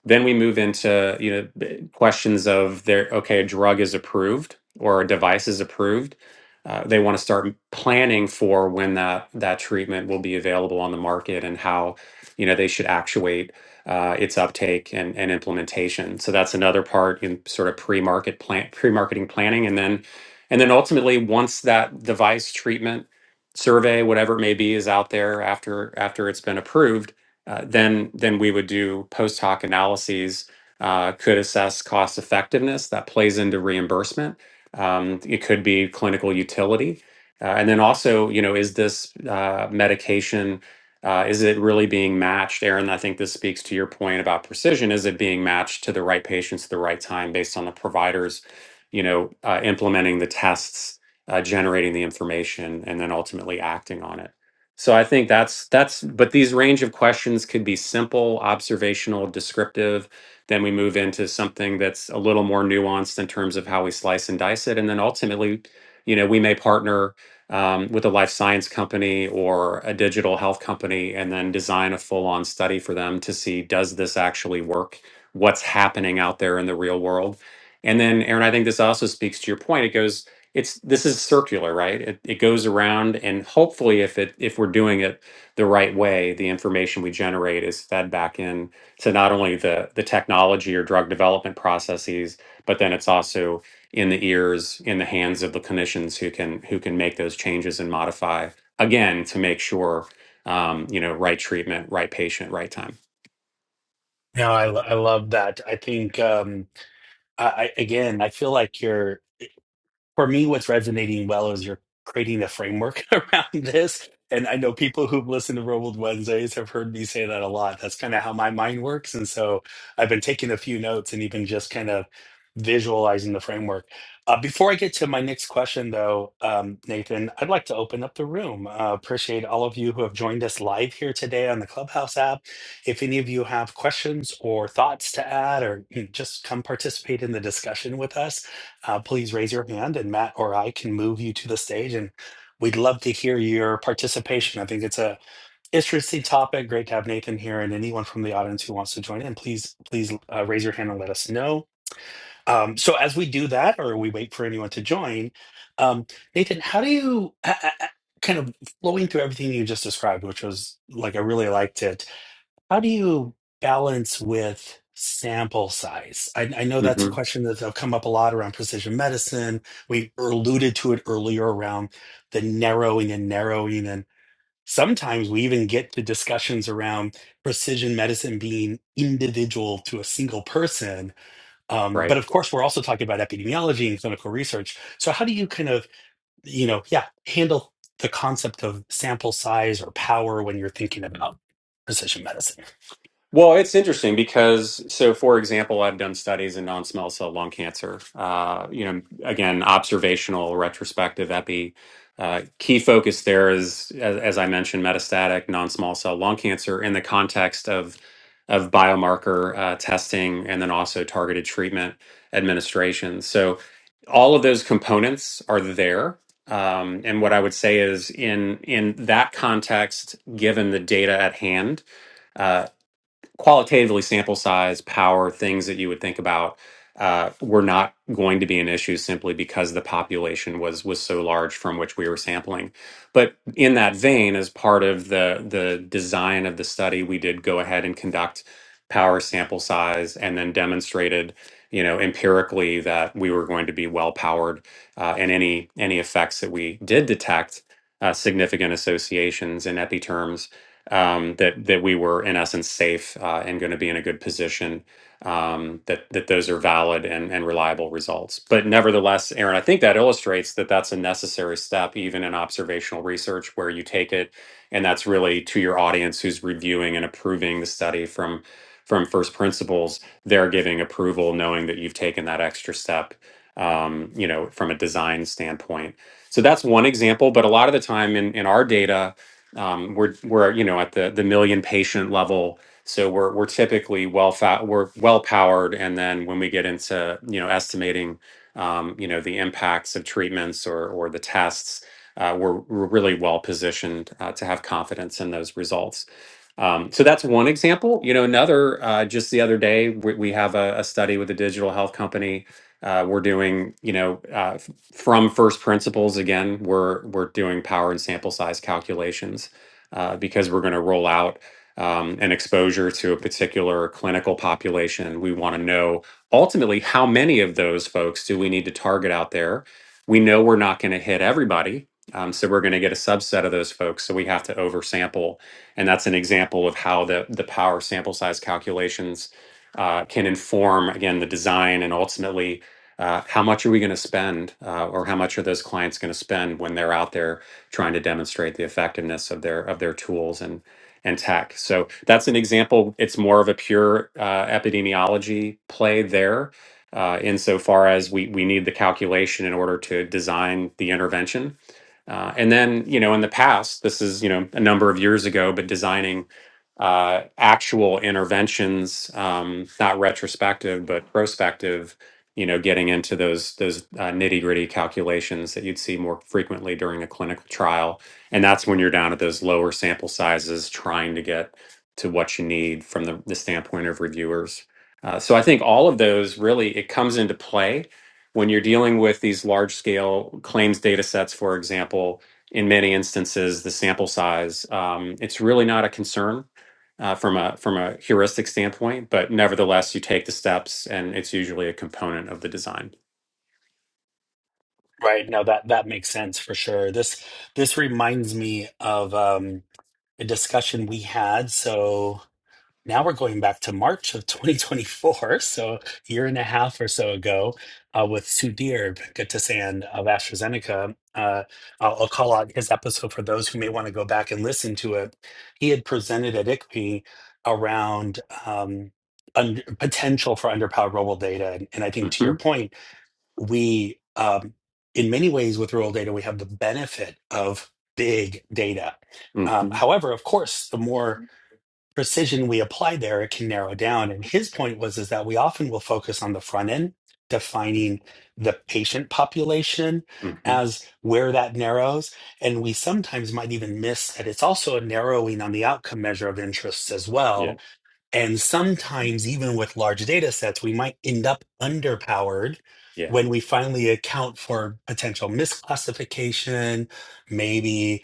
then we move into you know questions of their okay, a drug is approved or a device is approved. Uh, they want to start planning for when that that treatment will be available on the market and how you know they should actuate uh, its uptake and, and implementation. So that's another part in sort of pre-market plan pre-marketing planning, and then and then ultimately once that device treatment survey, whatever it may be, is out there after after it's been approved uh, then then we would do post hoc analyses uh, could assess cost effectiveness that plays into reimbursement um, it could be clinical utility uh, and then also you know is this uh, medication uh, is it really being matched aaron i think this speaks to your point about precision is it being matched to the right patients at the right time based on the providers you know uh, implementing the tests uh, generating the information and then ultimately acting on it so I think that's that's but these range of questions could be simple, observational, descriptive. Then we move into something that's a little more nuanced in terms of how we slice and dice it. And then ultimately, you know, we may partner um, with a life science company or a digital health company and then design a full-on study for them to see does this actually work? What's happening out there in the real world? And then, Aaron, I think this also speaks to your point. It goes it's this is circular right it, it goes around and hopefully if it if we're doing it the right way the information we generate is fed back in to not only the the technology or drug development processes but then it's also in the ears in the hands of the clinicians who can who can make those changes and modify again to make sure um, you know right treatment right patient right time No, I, lo- I love that. I think um, I, I again, I feel like you're for me, what's resonating well is you're creating a framework [LAUGHS] around this. And I know people who've listened to Robled Wednesdays have heard me say that a lot. That's kind of how my mind works. And so I've been taking a few notes and even just kind of visualizing the framework. Uh, before I get to my next question, though, um, Nathan, I'd like to open up the room. Uh, appreciate all of you who have joined us live here today on the Clubhouse app. If any of you have questions or thoughts to add, or mm, just come participate in the discussion with us, uh, please raise your hand and Matt or I can move you to the stage and we'd love to hear your participation. I think it's a interesting topic. Great to have Nathan here and anyone from the audience who wants to join in, please, please uh, raise your hand and let us know. Um, so as we do that, or we wait for anyone to join, um, Nathan, how do you, a- a- kind of flowing through everything you just described, which was like, I really liked it how do you balance with sample size? I, I know that's a hmm question that's come up a lot around precision medicine. We alluded to it earlier around the narrowing and narrowing. And sometimes we even get to discussions around precision medicine being individual to a single person. Um, right but of course, we're also talking about epidemiology and clinical research. So, how do you kind of, you know, yeah, handle the concept of sample size or power when you're thinking about precision medicine? Well, it's interesting because, so for example, I've done studies in non-small cell lung cancer. Uh, you know, again, observational, retrospective, epi. Uh, key focus there is, as, as I mentioned, metastatic non-small cell lung cancer in the context of of biomarker uh, testing and then also targeted treatment administration. So, all of those components are there. Um, and what I would say is, in in that context, given the data at hand. uh, qualitatively sample size, power, things that you would think about uh, were not going to be an issue simply because the population was was so large from which we were sampling. But in that vein, as part of the the design of the study, we did go ahead and conduct power sample size and then demonstrated you know empirically that we were going to be well powered uh, and any any effects that we did detect uh, significant associations in epi terms um, that that we were in essence safe uh, and going to be in a good position. Um, that that those are valid and, and reliable results. But nevertheless, Aaron, I think that illustrates that that's a necessary step, even in observational research, where you take it, and that's really to your audience who's reviewing and approving the study from from first principles. They're giving approval, knowing that you've taken that extra step. Um, you know, from a design standpoint. So that's one example. But a lot of the time in in our data um, we're we're you know at the the million patient level, so we're we're typically well fa- we're well powered, and then when we get into you know estimating um, you know the impacts of treatments or or the tests, uh, we're we're really well positioned uh, to have confidence in those results. Um, so that's one example. You know, another uh, just the other day we, we have a, a study with a digital health company. Uh, we're doing you know uh, from first principles again we're we're doing power and sample size calculations uh, because we're going to roll out um, an exposure to a particular clinical population we want to know ultimately how many of those folks do we need to target out there we know we're not going to hit everybody um, so we're going to get a subset of those folks so we have to oversample and that's an example of how the the power sample size calculations uh, can inform again the design and ultimately uh, how much are we going to spend, uh, or how much are those clients going to spend when they're out there trying to demonstrate the effectiveness of their of their tools and and tech? So that's an example. It's more of a pure uh, epidemiology play there, uh, insofar as we we need the calculation in order to design the intervention. Uh, and then you know in the past, this is you know a number of years ago, but designing uh, actual interventions, um, not retrospective but prospective you know, getting into those those uh, nitty gritty calculations that you'd see more frequently during a clinical trial, and that's when you're down at those lower sample sizes, trying to get to what you need from the, the standpoint of reviewers. Uh, so I think all of those really it comes into play when you're dealing with these large scale claims data sets, for example. In many instances, the sample size um, it's really not a concern uh, from a from a heuristic standpoint, but nevertheless, you take the steps, and it's usually a component of the design. Right. No, that that makes sense for sure. This this reminds me of um a discussion we had. So now we're going back to March of 2024, [LAUGHS] so a year and a half or so ago, uh, with Sudhir Venkatesan of AstraZeneca. Uh, I'll, I'll call out his episode for those who may want to go back and listen to it. He had presented at ICPE around um, un potential for underpowered global data, and and I think to your hmm point we um, in many ways with rural data we have the benefit of big data hmm um, however of course the more precision we apply there it can narrow down and his point was is that we often will focus on the front end defining the patient population hmm as where that narrows and we sometimes might even miss that it's also a narrowing on the outcome measure of interests as well Yeah. and sometimes, even with large data sets, we might end up underpowered Yeah. when we finally account for potential misclassification, maybe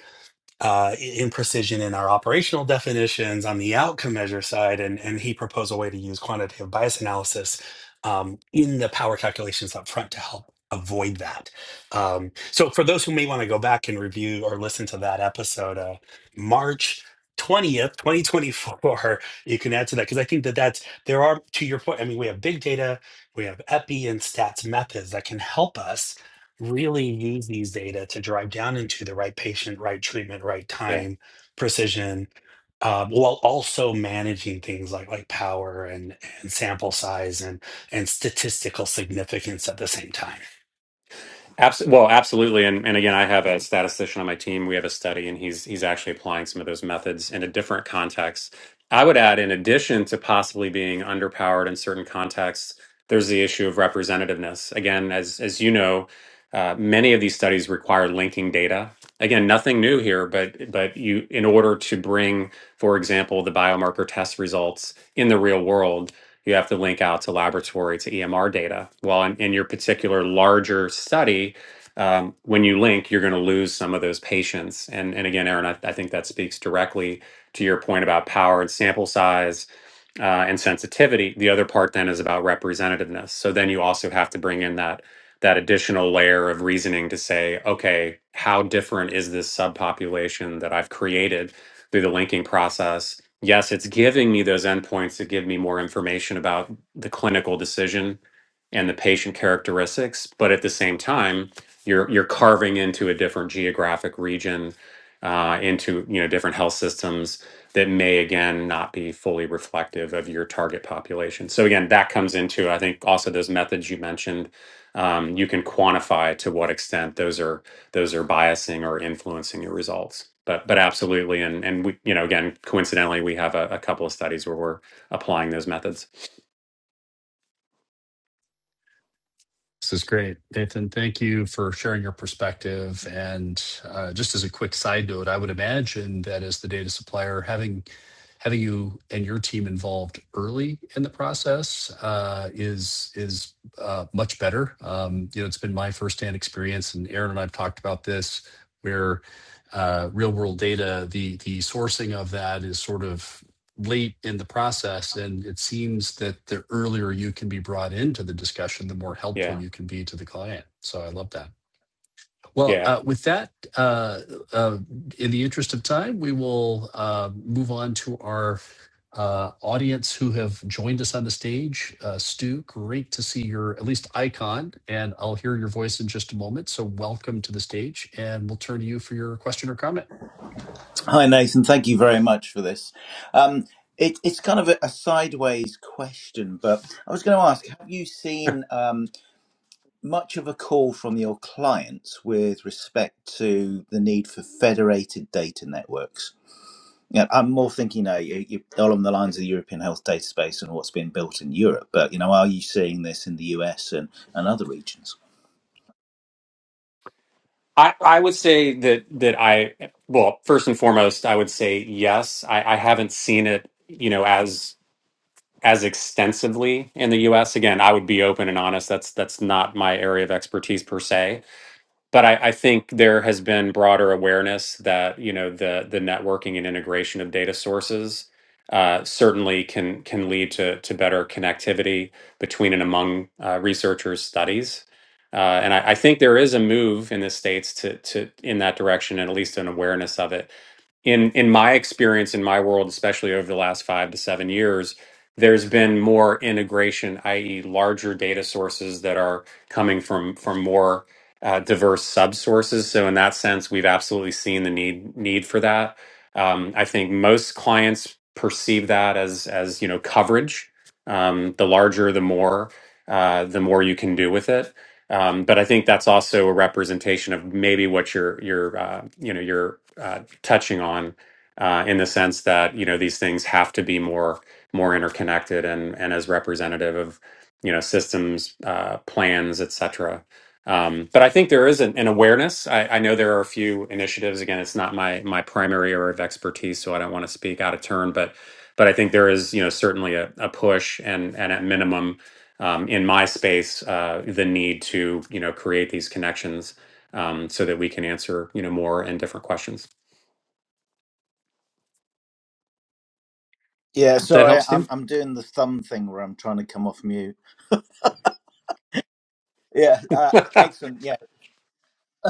uh, in precision in our operational definitions on the outcome measure side, and, and he proposed a way to use quantitative bias analysis um, in the power calculations up front to help avoid that. Um, so for those who may want to go back and review or listen to that episode, uh, March 20th, 2024, [LAUGHS] you can add to that because I think that that's, there are, to your point, I mean, we have big data, we have EPI and stats methods that can help us really use these data to drive down into the right patient, right treatment, right Yeah. time, precision, uh, while also managing things like like power and, and sample size and and statistical significance at the same time. Abs- well, absolutely, and and again, I have a statistician on my team. We have a study, and he's he's actually applying some of those methods in a different context. I would add, in addition to possibly being underpowered in certain contexts, there's the issue of representativeness. Again, as as you know, uh, many of these studies require linking data. Again, nothing new here, but but you in order to bring, for example, the biomarker test results in the real world you have to link out to laboratory to EMR data. Well, in, in your particular larger study, um, when you link, you're going to lose some of those patients. And, and again, Aaron, I, I think that speaks directly to your point about power and sample size uh, and sensitivity. The other part then is about representativeness. So then you also have to bring in that that additional layer of reasoning to say, okay, how different is this subpopulation that I've created through the linking process? yes, it's giving me those endpoints to give me more information about the clinical decision and the patient characteristics. But at the same time, you're you're carving into a different geographic region, uh, into you know different health systems that may again not be fully reflective of your target population. So again, that comes into I think also those methods you mentioned. Um, you can quantify to what extent those are those are biasing or influencing your results. But but absolutely, and and we you know again coincidentally we have a, a couple of studies where we're applying those methods. This is great. Nathan, thank you for sharing your perspective. And uh, just as a quick side note, I would imagine that as the data supplier, having having you and your team involved early in the process uh, is is uh, much better. Um, you know, it's been my firsthand experience, and Aaron and I've talked about this, where uh, real world data, the the sourcing of that is sort of late in the process. And it seems that the earlier you can be brought into the discussion, the more helpful Yeah, you can be to the client. So I love that. Well, yeah. uh, with that, uh, uh, in the interest of time, we will uh, move on to our uh, audience who have joined us on the stage. Uh, Stu, great to see your at least icon, and I'll hear your voice in just a moment. So, welcome to the stage, and we'll turn to you for your question or comment. Hi, Nathan. Thank you very much for this. Um, it, it's kind of a, a sideways question, but I was going to ask have you seen um, much of a call from your clients with respect to the need for federated data networks? Yeah, I'm more thinking now you, you, along the lines of the European health data space and what's been built in Europe, but you know, are you seeing this in the US and, and other regions? I I would say that that I well first and foremost I would say yes. I I haven't seen it you know as as extensively in the U.S. Again, I would be open and honest. That's that's not my area of expertise per se but I, I think there has been broader awareness that you know the the networking and integration of data sources uh, certainly can can lead to to better connectivity between and among uh, researchers' studies, uh, and I, I think there is a move in the states to to in that direction and at least an awareness of it in in my experience in my world especially over the last 5 to 7 years there's been more integration i.e. larger data sources that are coming from from more uh, diverse sub sources so in that sense we've absolutely seen the need need for that um, i think most clients perceive that as as you know coverage um, the larger the more uh, the more you can do with it um, but I think that's also a representation of maybe what your your uh, you know your uh, touching on uh, in the sense that you know these things have to be more more interconnected and and as representative of you know systems uh, plans etc um, but i think there is an, an awareness I, I know there are a few initiatives again it's not my my primary area of expertise so i don't want to speak out of turn but but i think there is you know certainly a, a push and and at minimum um, in my space uh, the need to you know create these connections um, so that we can answer you know more and different questions Yeah, That sorry, helps too. I'm I'm doing the thumb thing where I'm trying to come off mute. Yeah, uh, excellent.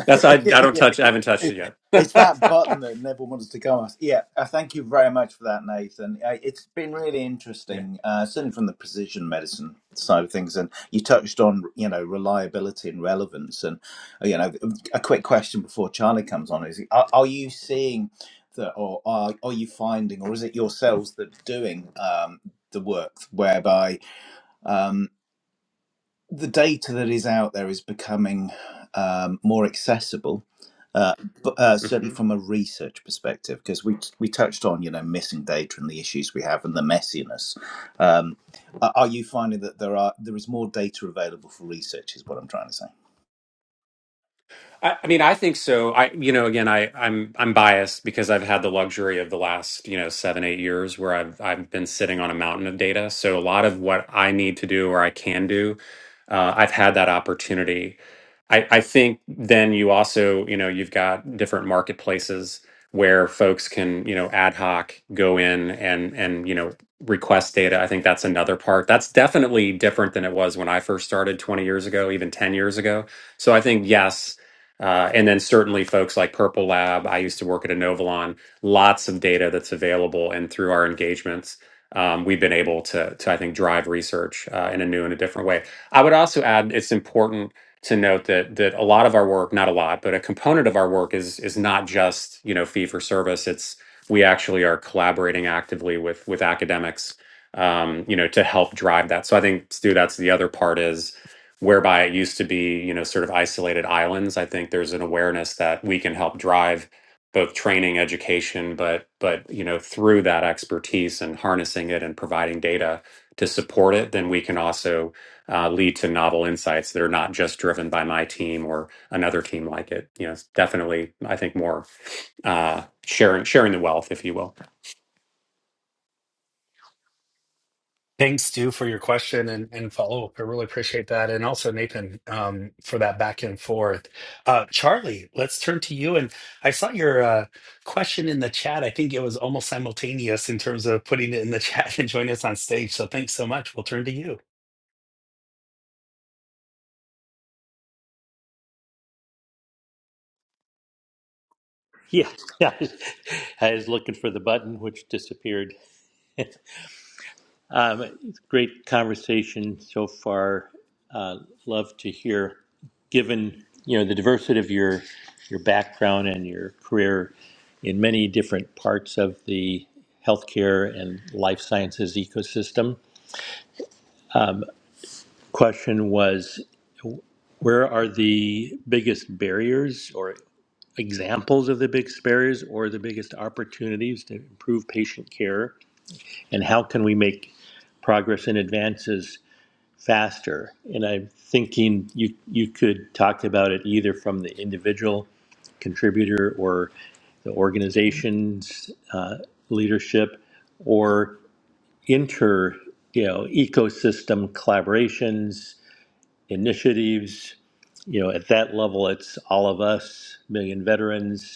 That's I. I [LAUGHS] don't yeah, touch. I haven't touched it yet. it's that button that never wants to go off. Yeah, uh, thank you very much for that, Nathan. Uh, it's been really Yeah. interesting, uh, certainly from the precision medicine side of things. And you touched on, you know, reliability and relevance. And uh, you know, a quick question before Charlie comes on is: Are, are you seeing that, or are, are you finding, or is it yourselves that are doing um, the work whereby? um, the data that is out there is becoming um, more accessible, uh, but, uh, certainly hmm from a research perspective, because we we touched on you know missing data and the issues we have and the messiness. Um, are are you finding that there are there is more data available for research? Is what I'm trying to say. I, I mean, I think so. I, you know, again, I, I'm, I'm biased because I've had the luxury of the last, you know, seven, eight years where I've, I've been sitting on a mountain of data. So a lot of what I need to do or I can do, uh, I've had that opportunity I, I think then you also, you know, you've got different marketplaces where folks can, you know, ad hoc go in and and you know request data. I think that's another part. That's definitely different than it was when I first started 20 years ago, even 10 years ago. So I think yes, uh, and then certainly folks like Purple Lab. I used to work at Inovalon. Lots of data that's available, and through our engagements, um, we've been able to to I think drive research uh, in a new and a different way. I would also add it's important to note that that a lot of our work, not a lot, but a component of our work is is not just you know fee for service. It's we actually are collaborating actively with with academics, um, you know, to help drive that. So I think Stu, that's the other part is whereby it used to be you know sort of isolated islands. I think there's an awareness that we can help drive both training, education, but but you know through that expertise and harnessing it and providing data to support it, then we can also uh, lead to novel insights that are not just driven by my team or another team like it. You know, it's definitely, I think more uh, sharing sharing the wealth, if you will. Thanks, Stu, for your question and, and follow up. I really appreciate that. And also, Nathan, um, for that back and forth. Uh, Charlie, let's turn to you. And I saw your uh, question in the chat. I think it was almost simultaneous in terms of putting it in the chat [LAUGHS] and joining us on stage. So thanks so much. We'll turn to you. Yeah, [LAUGHS] I was looking for the button, which disappeared. [LAUGHS] um, great conversation so far. Uh, love to hear, given you know the diversity of your your background and your career in many different parts of the healthcare and life sciences ecosystem. Question was, where are the biggest barriers or examples of the biggest barriers or the biggest opportunities to improve patient care? and how can we make progress and advances faster? And I'm thinking you you could talk about it either from the individual contributor or the organization's uh, leadership or inter you know ecosystem collaborations initiatives you know at that level it's all of us million veterans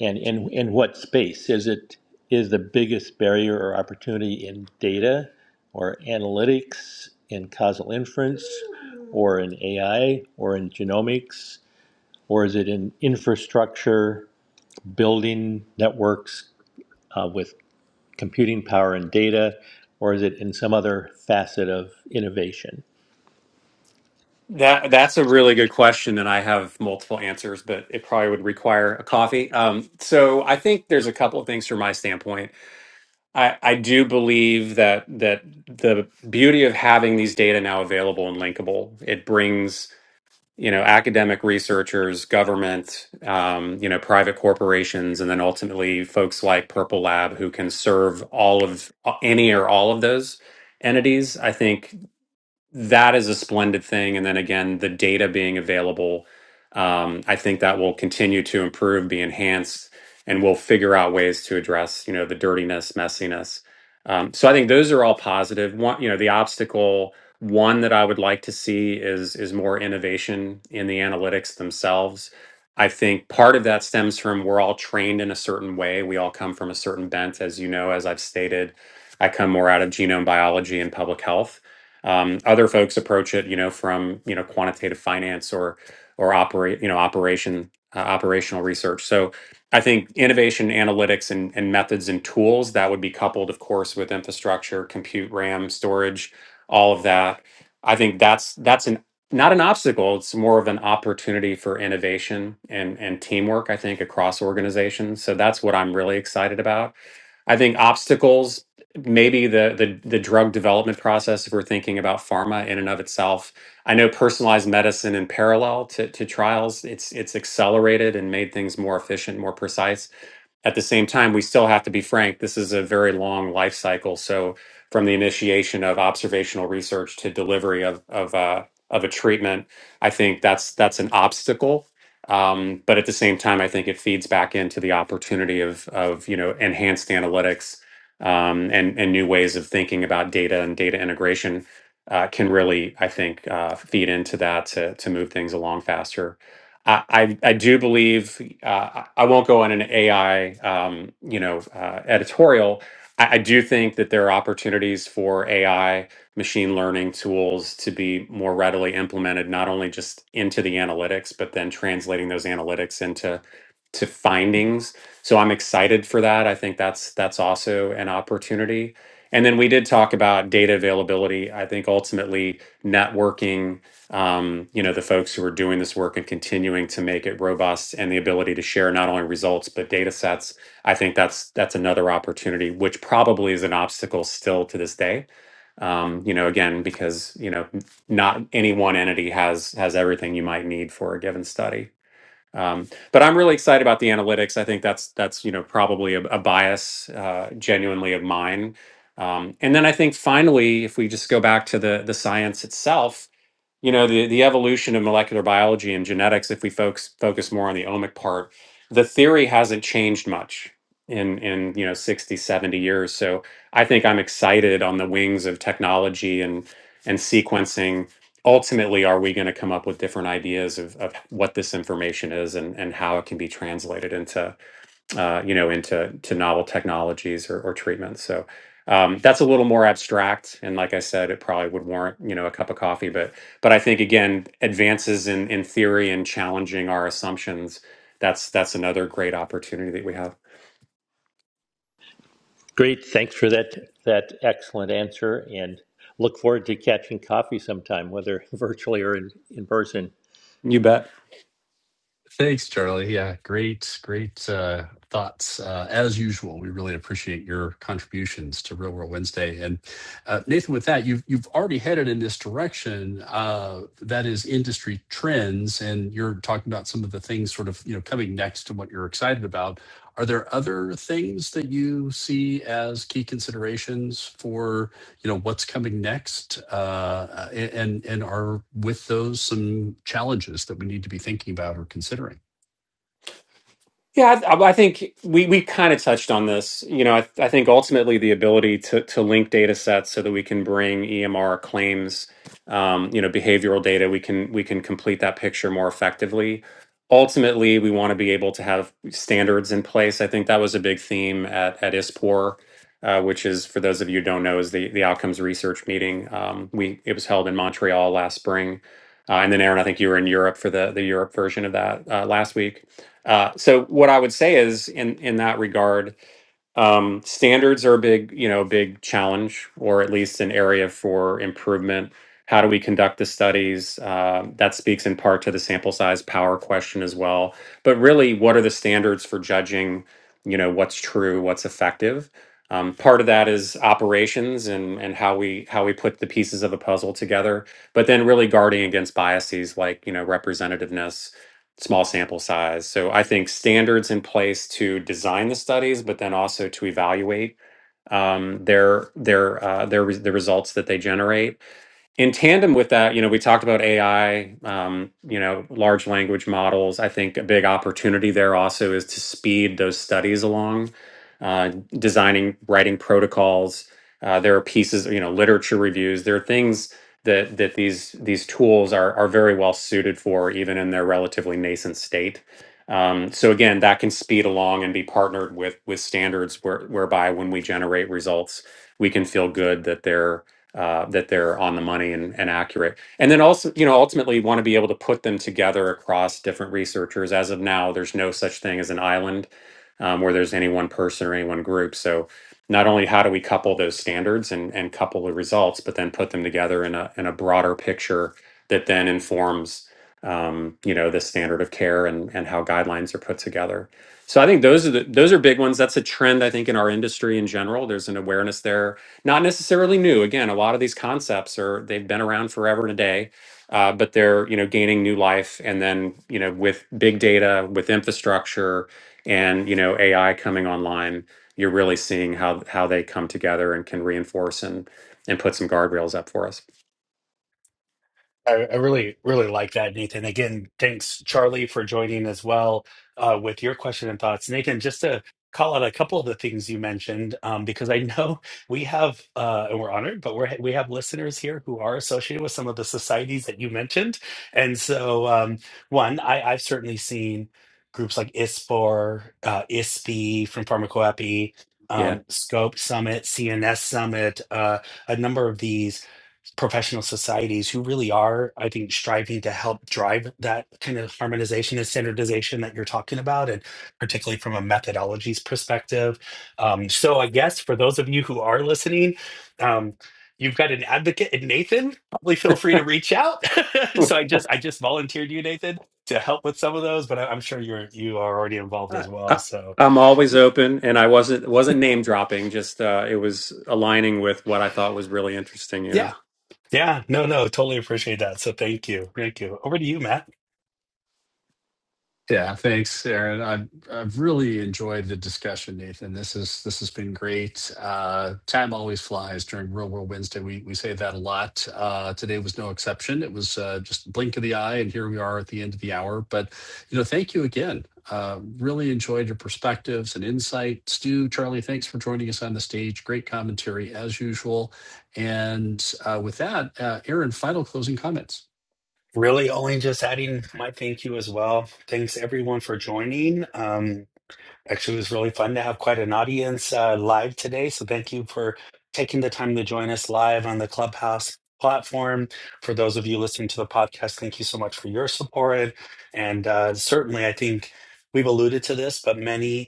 And in in what space is it? Is the biggest barrier or opportunity in data, or analytics, in causal inference, or in AI, or in genomics, or is it in infrastructure, building networks uh, with computing power and data, or is it in some other facet of innovation? That that's a really good question, and I have multiple answers, but it probably would require a coffee. Um, so I think there's a couple of things from my standpoint. I, I do believe that that the beauty of having these data now available and linkable, it brings you know, academic researchers, government, um, you know, private corporations, and then ultimately folks like Purple Lab who can serve all of any or all of those entities. I think that is a splendid thing. And then again, the data being available, um, I think that will continue to improve, be enhanced, and we'll figure out ways to address, you know, the dirtiness, messiness. Um, so I think those are all positive. One, you know, the obstacle one that I would like to see is is more innovation in the analytics themselves. I think part of that stems from we're all trained in a certain way. We all come from a certain bent, as you know, as I've stated. I come more out of genome biology and public health um, other folks approach it, you know, from you know quantitative finance or or operate, you know, operation uh, operational research. So I think innovation, analytics, and, and methods and tools that would be coupled, of course, with infrastructure, compute, RAM, storage, all of that. I think that's that's an not an obstacle. It's more of an opportunity for innovation and and teamwork. I think across organizations. So that's what I'm really excited about. I think obstacles maybe the, the the drug development process if we're thinking about pharma in and of itself i know personalized medicine in parallel to, to trials it's it's accelerated and made things more efficient more precise at the same time, we still have to be frank. This is a very long life cycle. So, from the initiation of observational research to delivery of of uh, of a treatment, I think that's that's an obstacle. Um, but at the same time, I think it feeds back into the opportunity of of you know enhanced analytics um, and and new ways of thinking about data and data integration uh, can really, I think, uh, feed into that to to move things along faster. I, I I do believe uh, I I won't go on an AI um, you know uh, editorial. I, I do think that there are opportunities for AI machine learning tools to be more readily implemented, not only just into the analytics, but then translating those analytics into to findings. So I'm excited for that. I think that's that's also an opportunity. And then we did talk about data availability. I think ultimately networking um, you know, the folks who are doing this work and continuing to make it robust and the ability to share not only results but data sets. I think that's that's another opportunity, which probably is an obstacle still to this day. Um, you know, again, because you know, not any one entity has has everything you might need for a given study. Um, but I'm really excited about the analytics. I think that's that's you know probably a, a bias, uh, genuinely of mine. Um, and then I think finally, if we just go back to the the science itself, you know the the evolution of molecular biology and genetics if we focus focus more on the omic part the theory hasn't changed much in in you know 60 70 years so i think i'm excited on the wings of technology and and sequencing ultimately are we going to come up with different ideas of, of what this information is and and how it can be translated into uh, you know, into to novel technologies or, or treatments. So um, that's a little more abstract, and like I said, it probably would warrant you know a cup of coffee. But but I think again, advances in in theory and challenging our assumptions. That's that's another great opportunity that we have. Great, thanks for that that excellent answer, and look forward to catching coffee sometime, whether [LAUGHS] virtually or in, in person. You bet. Thanks, Charlie. Yeah, great, great uh, thoughts. Uh, as usual, we really appreciate your contributions to Real World Wednesday. And uh, Nathan, with that, you've you've already headed in this direction. Uh, that is industry trends, and you're talking about some of the things sort of you know coming next to what you're excited about. Are there other things that you see as key considerations for? you know what's coming next uh, and and are with those some challenges that we need to be thinking about or considering Yeah, I, I think we, we kind of touched on this. You know, I, I think ultimately the ability to, to link data sets so that we can bring EMR claims, um, you know, behavioral data, we can we can complete that picture more effectively. Ultimately, we want to be able to have standards in place. I think that was a big theme at at ISPOR, uh, which is for those of you who don't know, is the the outcomes research meeting. Um, we it was held in Montreal last spring, uh, and then Aaron, I think you were in Europe for the the Europe version of that uh, last week uh, so what I would say is in in that regard, um, standards are a big you know big challenge, or at least an area for improvement. How do we conduct the studies? Um that speaks in part to the sample size power question as well. But really, what are the standards for judging? You know what's true, what's effective. Um, part of that is operations and and how we how we put the pieces of the puzzle together. But then really guarding against biases like you know representativeness small sample size. So I think standards in place to design the studies, but then also to evaluate um, their their uh, their re- the results that they generate in tandem with that, you know, we talked about AI, um, you know, large language models. I think a big opportunity there also is to speed those studies along, uh, designing, writing protocols. Uh, there are pieces, you know, literature reviews. There are things that that these these tools are are very well suited for, even in their relatively nascent state. Um, so again, that can speed along and be partnered with with standards where, whereby when we generate results, we can feel good that they're uh, that they're on the money and, and accurate. And then also, you know, ultimately want to be able to put them together across different researchers. As of now, there's no such thing as an island um, where there's any one person or any one group. So not only how do we couple those standards and, and couple the results, but then put them together in a, in a broader picture that then informs, um, you know, the standard of care and, and how guidelines are put together. So I think those are the, those are big ones. That's a trend I think in our industry in general. There's an awareness there not necessarily new. Again, a lot of these concepts are they've been around forever and a day, uh, but they're you know gaining new life. And then you know with big data, with infrastructure, and you know AI coming online, you're really seeing how how they come together and can reinforce and and put some guardrails up for us. I, I really, really like that, Nathan. Again, thanks, Charlie, for joining as well uh, with your question and thoughts. Nathan, just to call out a couple of the things you mentioned, um, because I know we have, uh, and we're honored, but we're, we have listeners here who are associated with some of the societies that you mentioned. And so, um, one, I, I've certainly seen groups like ISPOR, uh, ISPE from Pharmacoepi, Yeah. um, Scope Summit, CNS Summit, uh, a number of these professional societies who really are, I think, striving to help drive that kind of harmonization and standardization that you're talking about, and particularly from a methodologies perspective. Um, so, I guess for those of you who are listening, um, you've got an advocate in Nathan. Probably feel free to reach out. [LAUGHS] Well, so, I just I just volunteered you, Nathan, to help with some of those, but I, I'm sure you're you are already involved I, as well. I- So, I'm always open, and I wasn't wasn't name dropping. Just uh, it was aligning with what I thought was really interesting. You know, yeah. Yeah, no, no, totally appreciate that. So thank you. Thank you. Over to you, Matt. Yeah, thanks, Aaron. I've I've really enjoyed the discussion, Nathan. This is this has been great. Uh, time always flies during Real World Wednesday. We we say that a lot. Uh, today was no exception. It was uh, just a blink of the eye, and here we are at the end of the hour. But you know, thank you again. Uh, really enjoyed your perspectives and insight, Stu, Charlie. Thanks for joining us on the stage. Great commentary as usual. And uh, with that, uh, Aaron, final closing comments. Really, only just adding my thank you as well. Thanks everyone for joining. Um, actually, it was really fun to have quite an audience uh, live today. So thank you for taking the time to join us live on the Clubhouse platform. For those of you listening to the podcast, thank you so much for your support. And uh, certainly, I think we've alluded to this, but many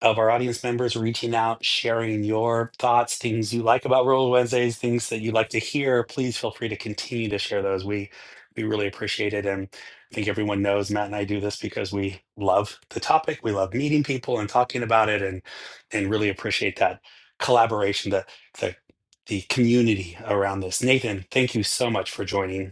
of our audience members reaching out, sharing your thoughts, things you like about Roll Wednesdays, things that you'd like to hear. Please feel free to continue to share those. We we really appreciate it, and I think everyone knows Matt and I do this because we love the topic. We love meeting people and talking about it, and and really appreciate that collaboration, the the the community around this. Nathan, thank you so much for joining.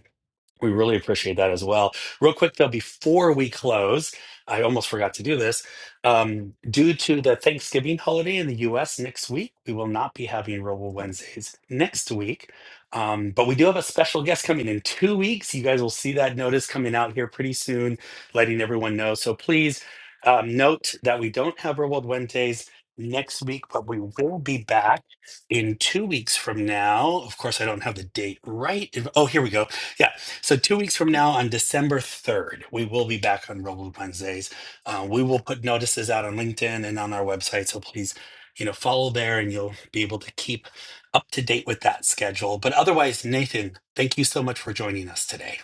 We really appreciate that as well. Real quick, though, before we close, I almost forgot to do this. Um, due to the Thanksgiving holiday in the US next week, we will not be having Robo Wednesdays next week. Um, but we do have a special guest coming in two weeks. You guys will see that notice coming out here pretty soon, letting everyone know. So please um, note that we don't have Robo Wednesdays next week, but we will be back in two weeks from now. Of course, I don't have the date right. Oh, here we go. Yeah. So two weeks from now, on December third, we will be back on Robo Wednesdays. Uh, we will put notices out on LinkedIn and on our website, so please, you know, follow there, and you'll be able to keep up to date with that schedule. But otherwise, Nathan, thank you so much for joining us today.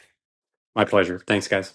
my pleasure. Thanks, guys.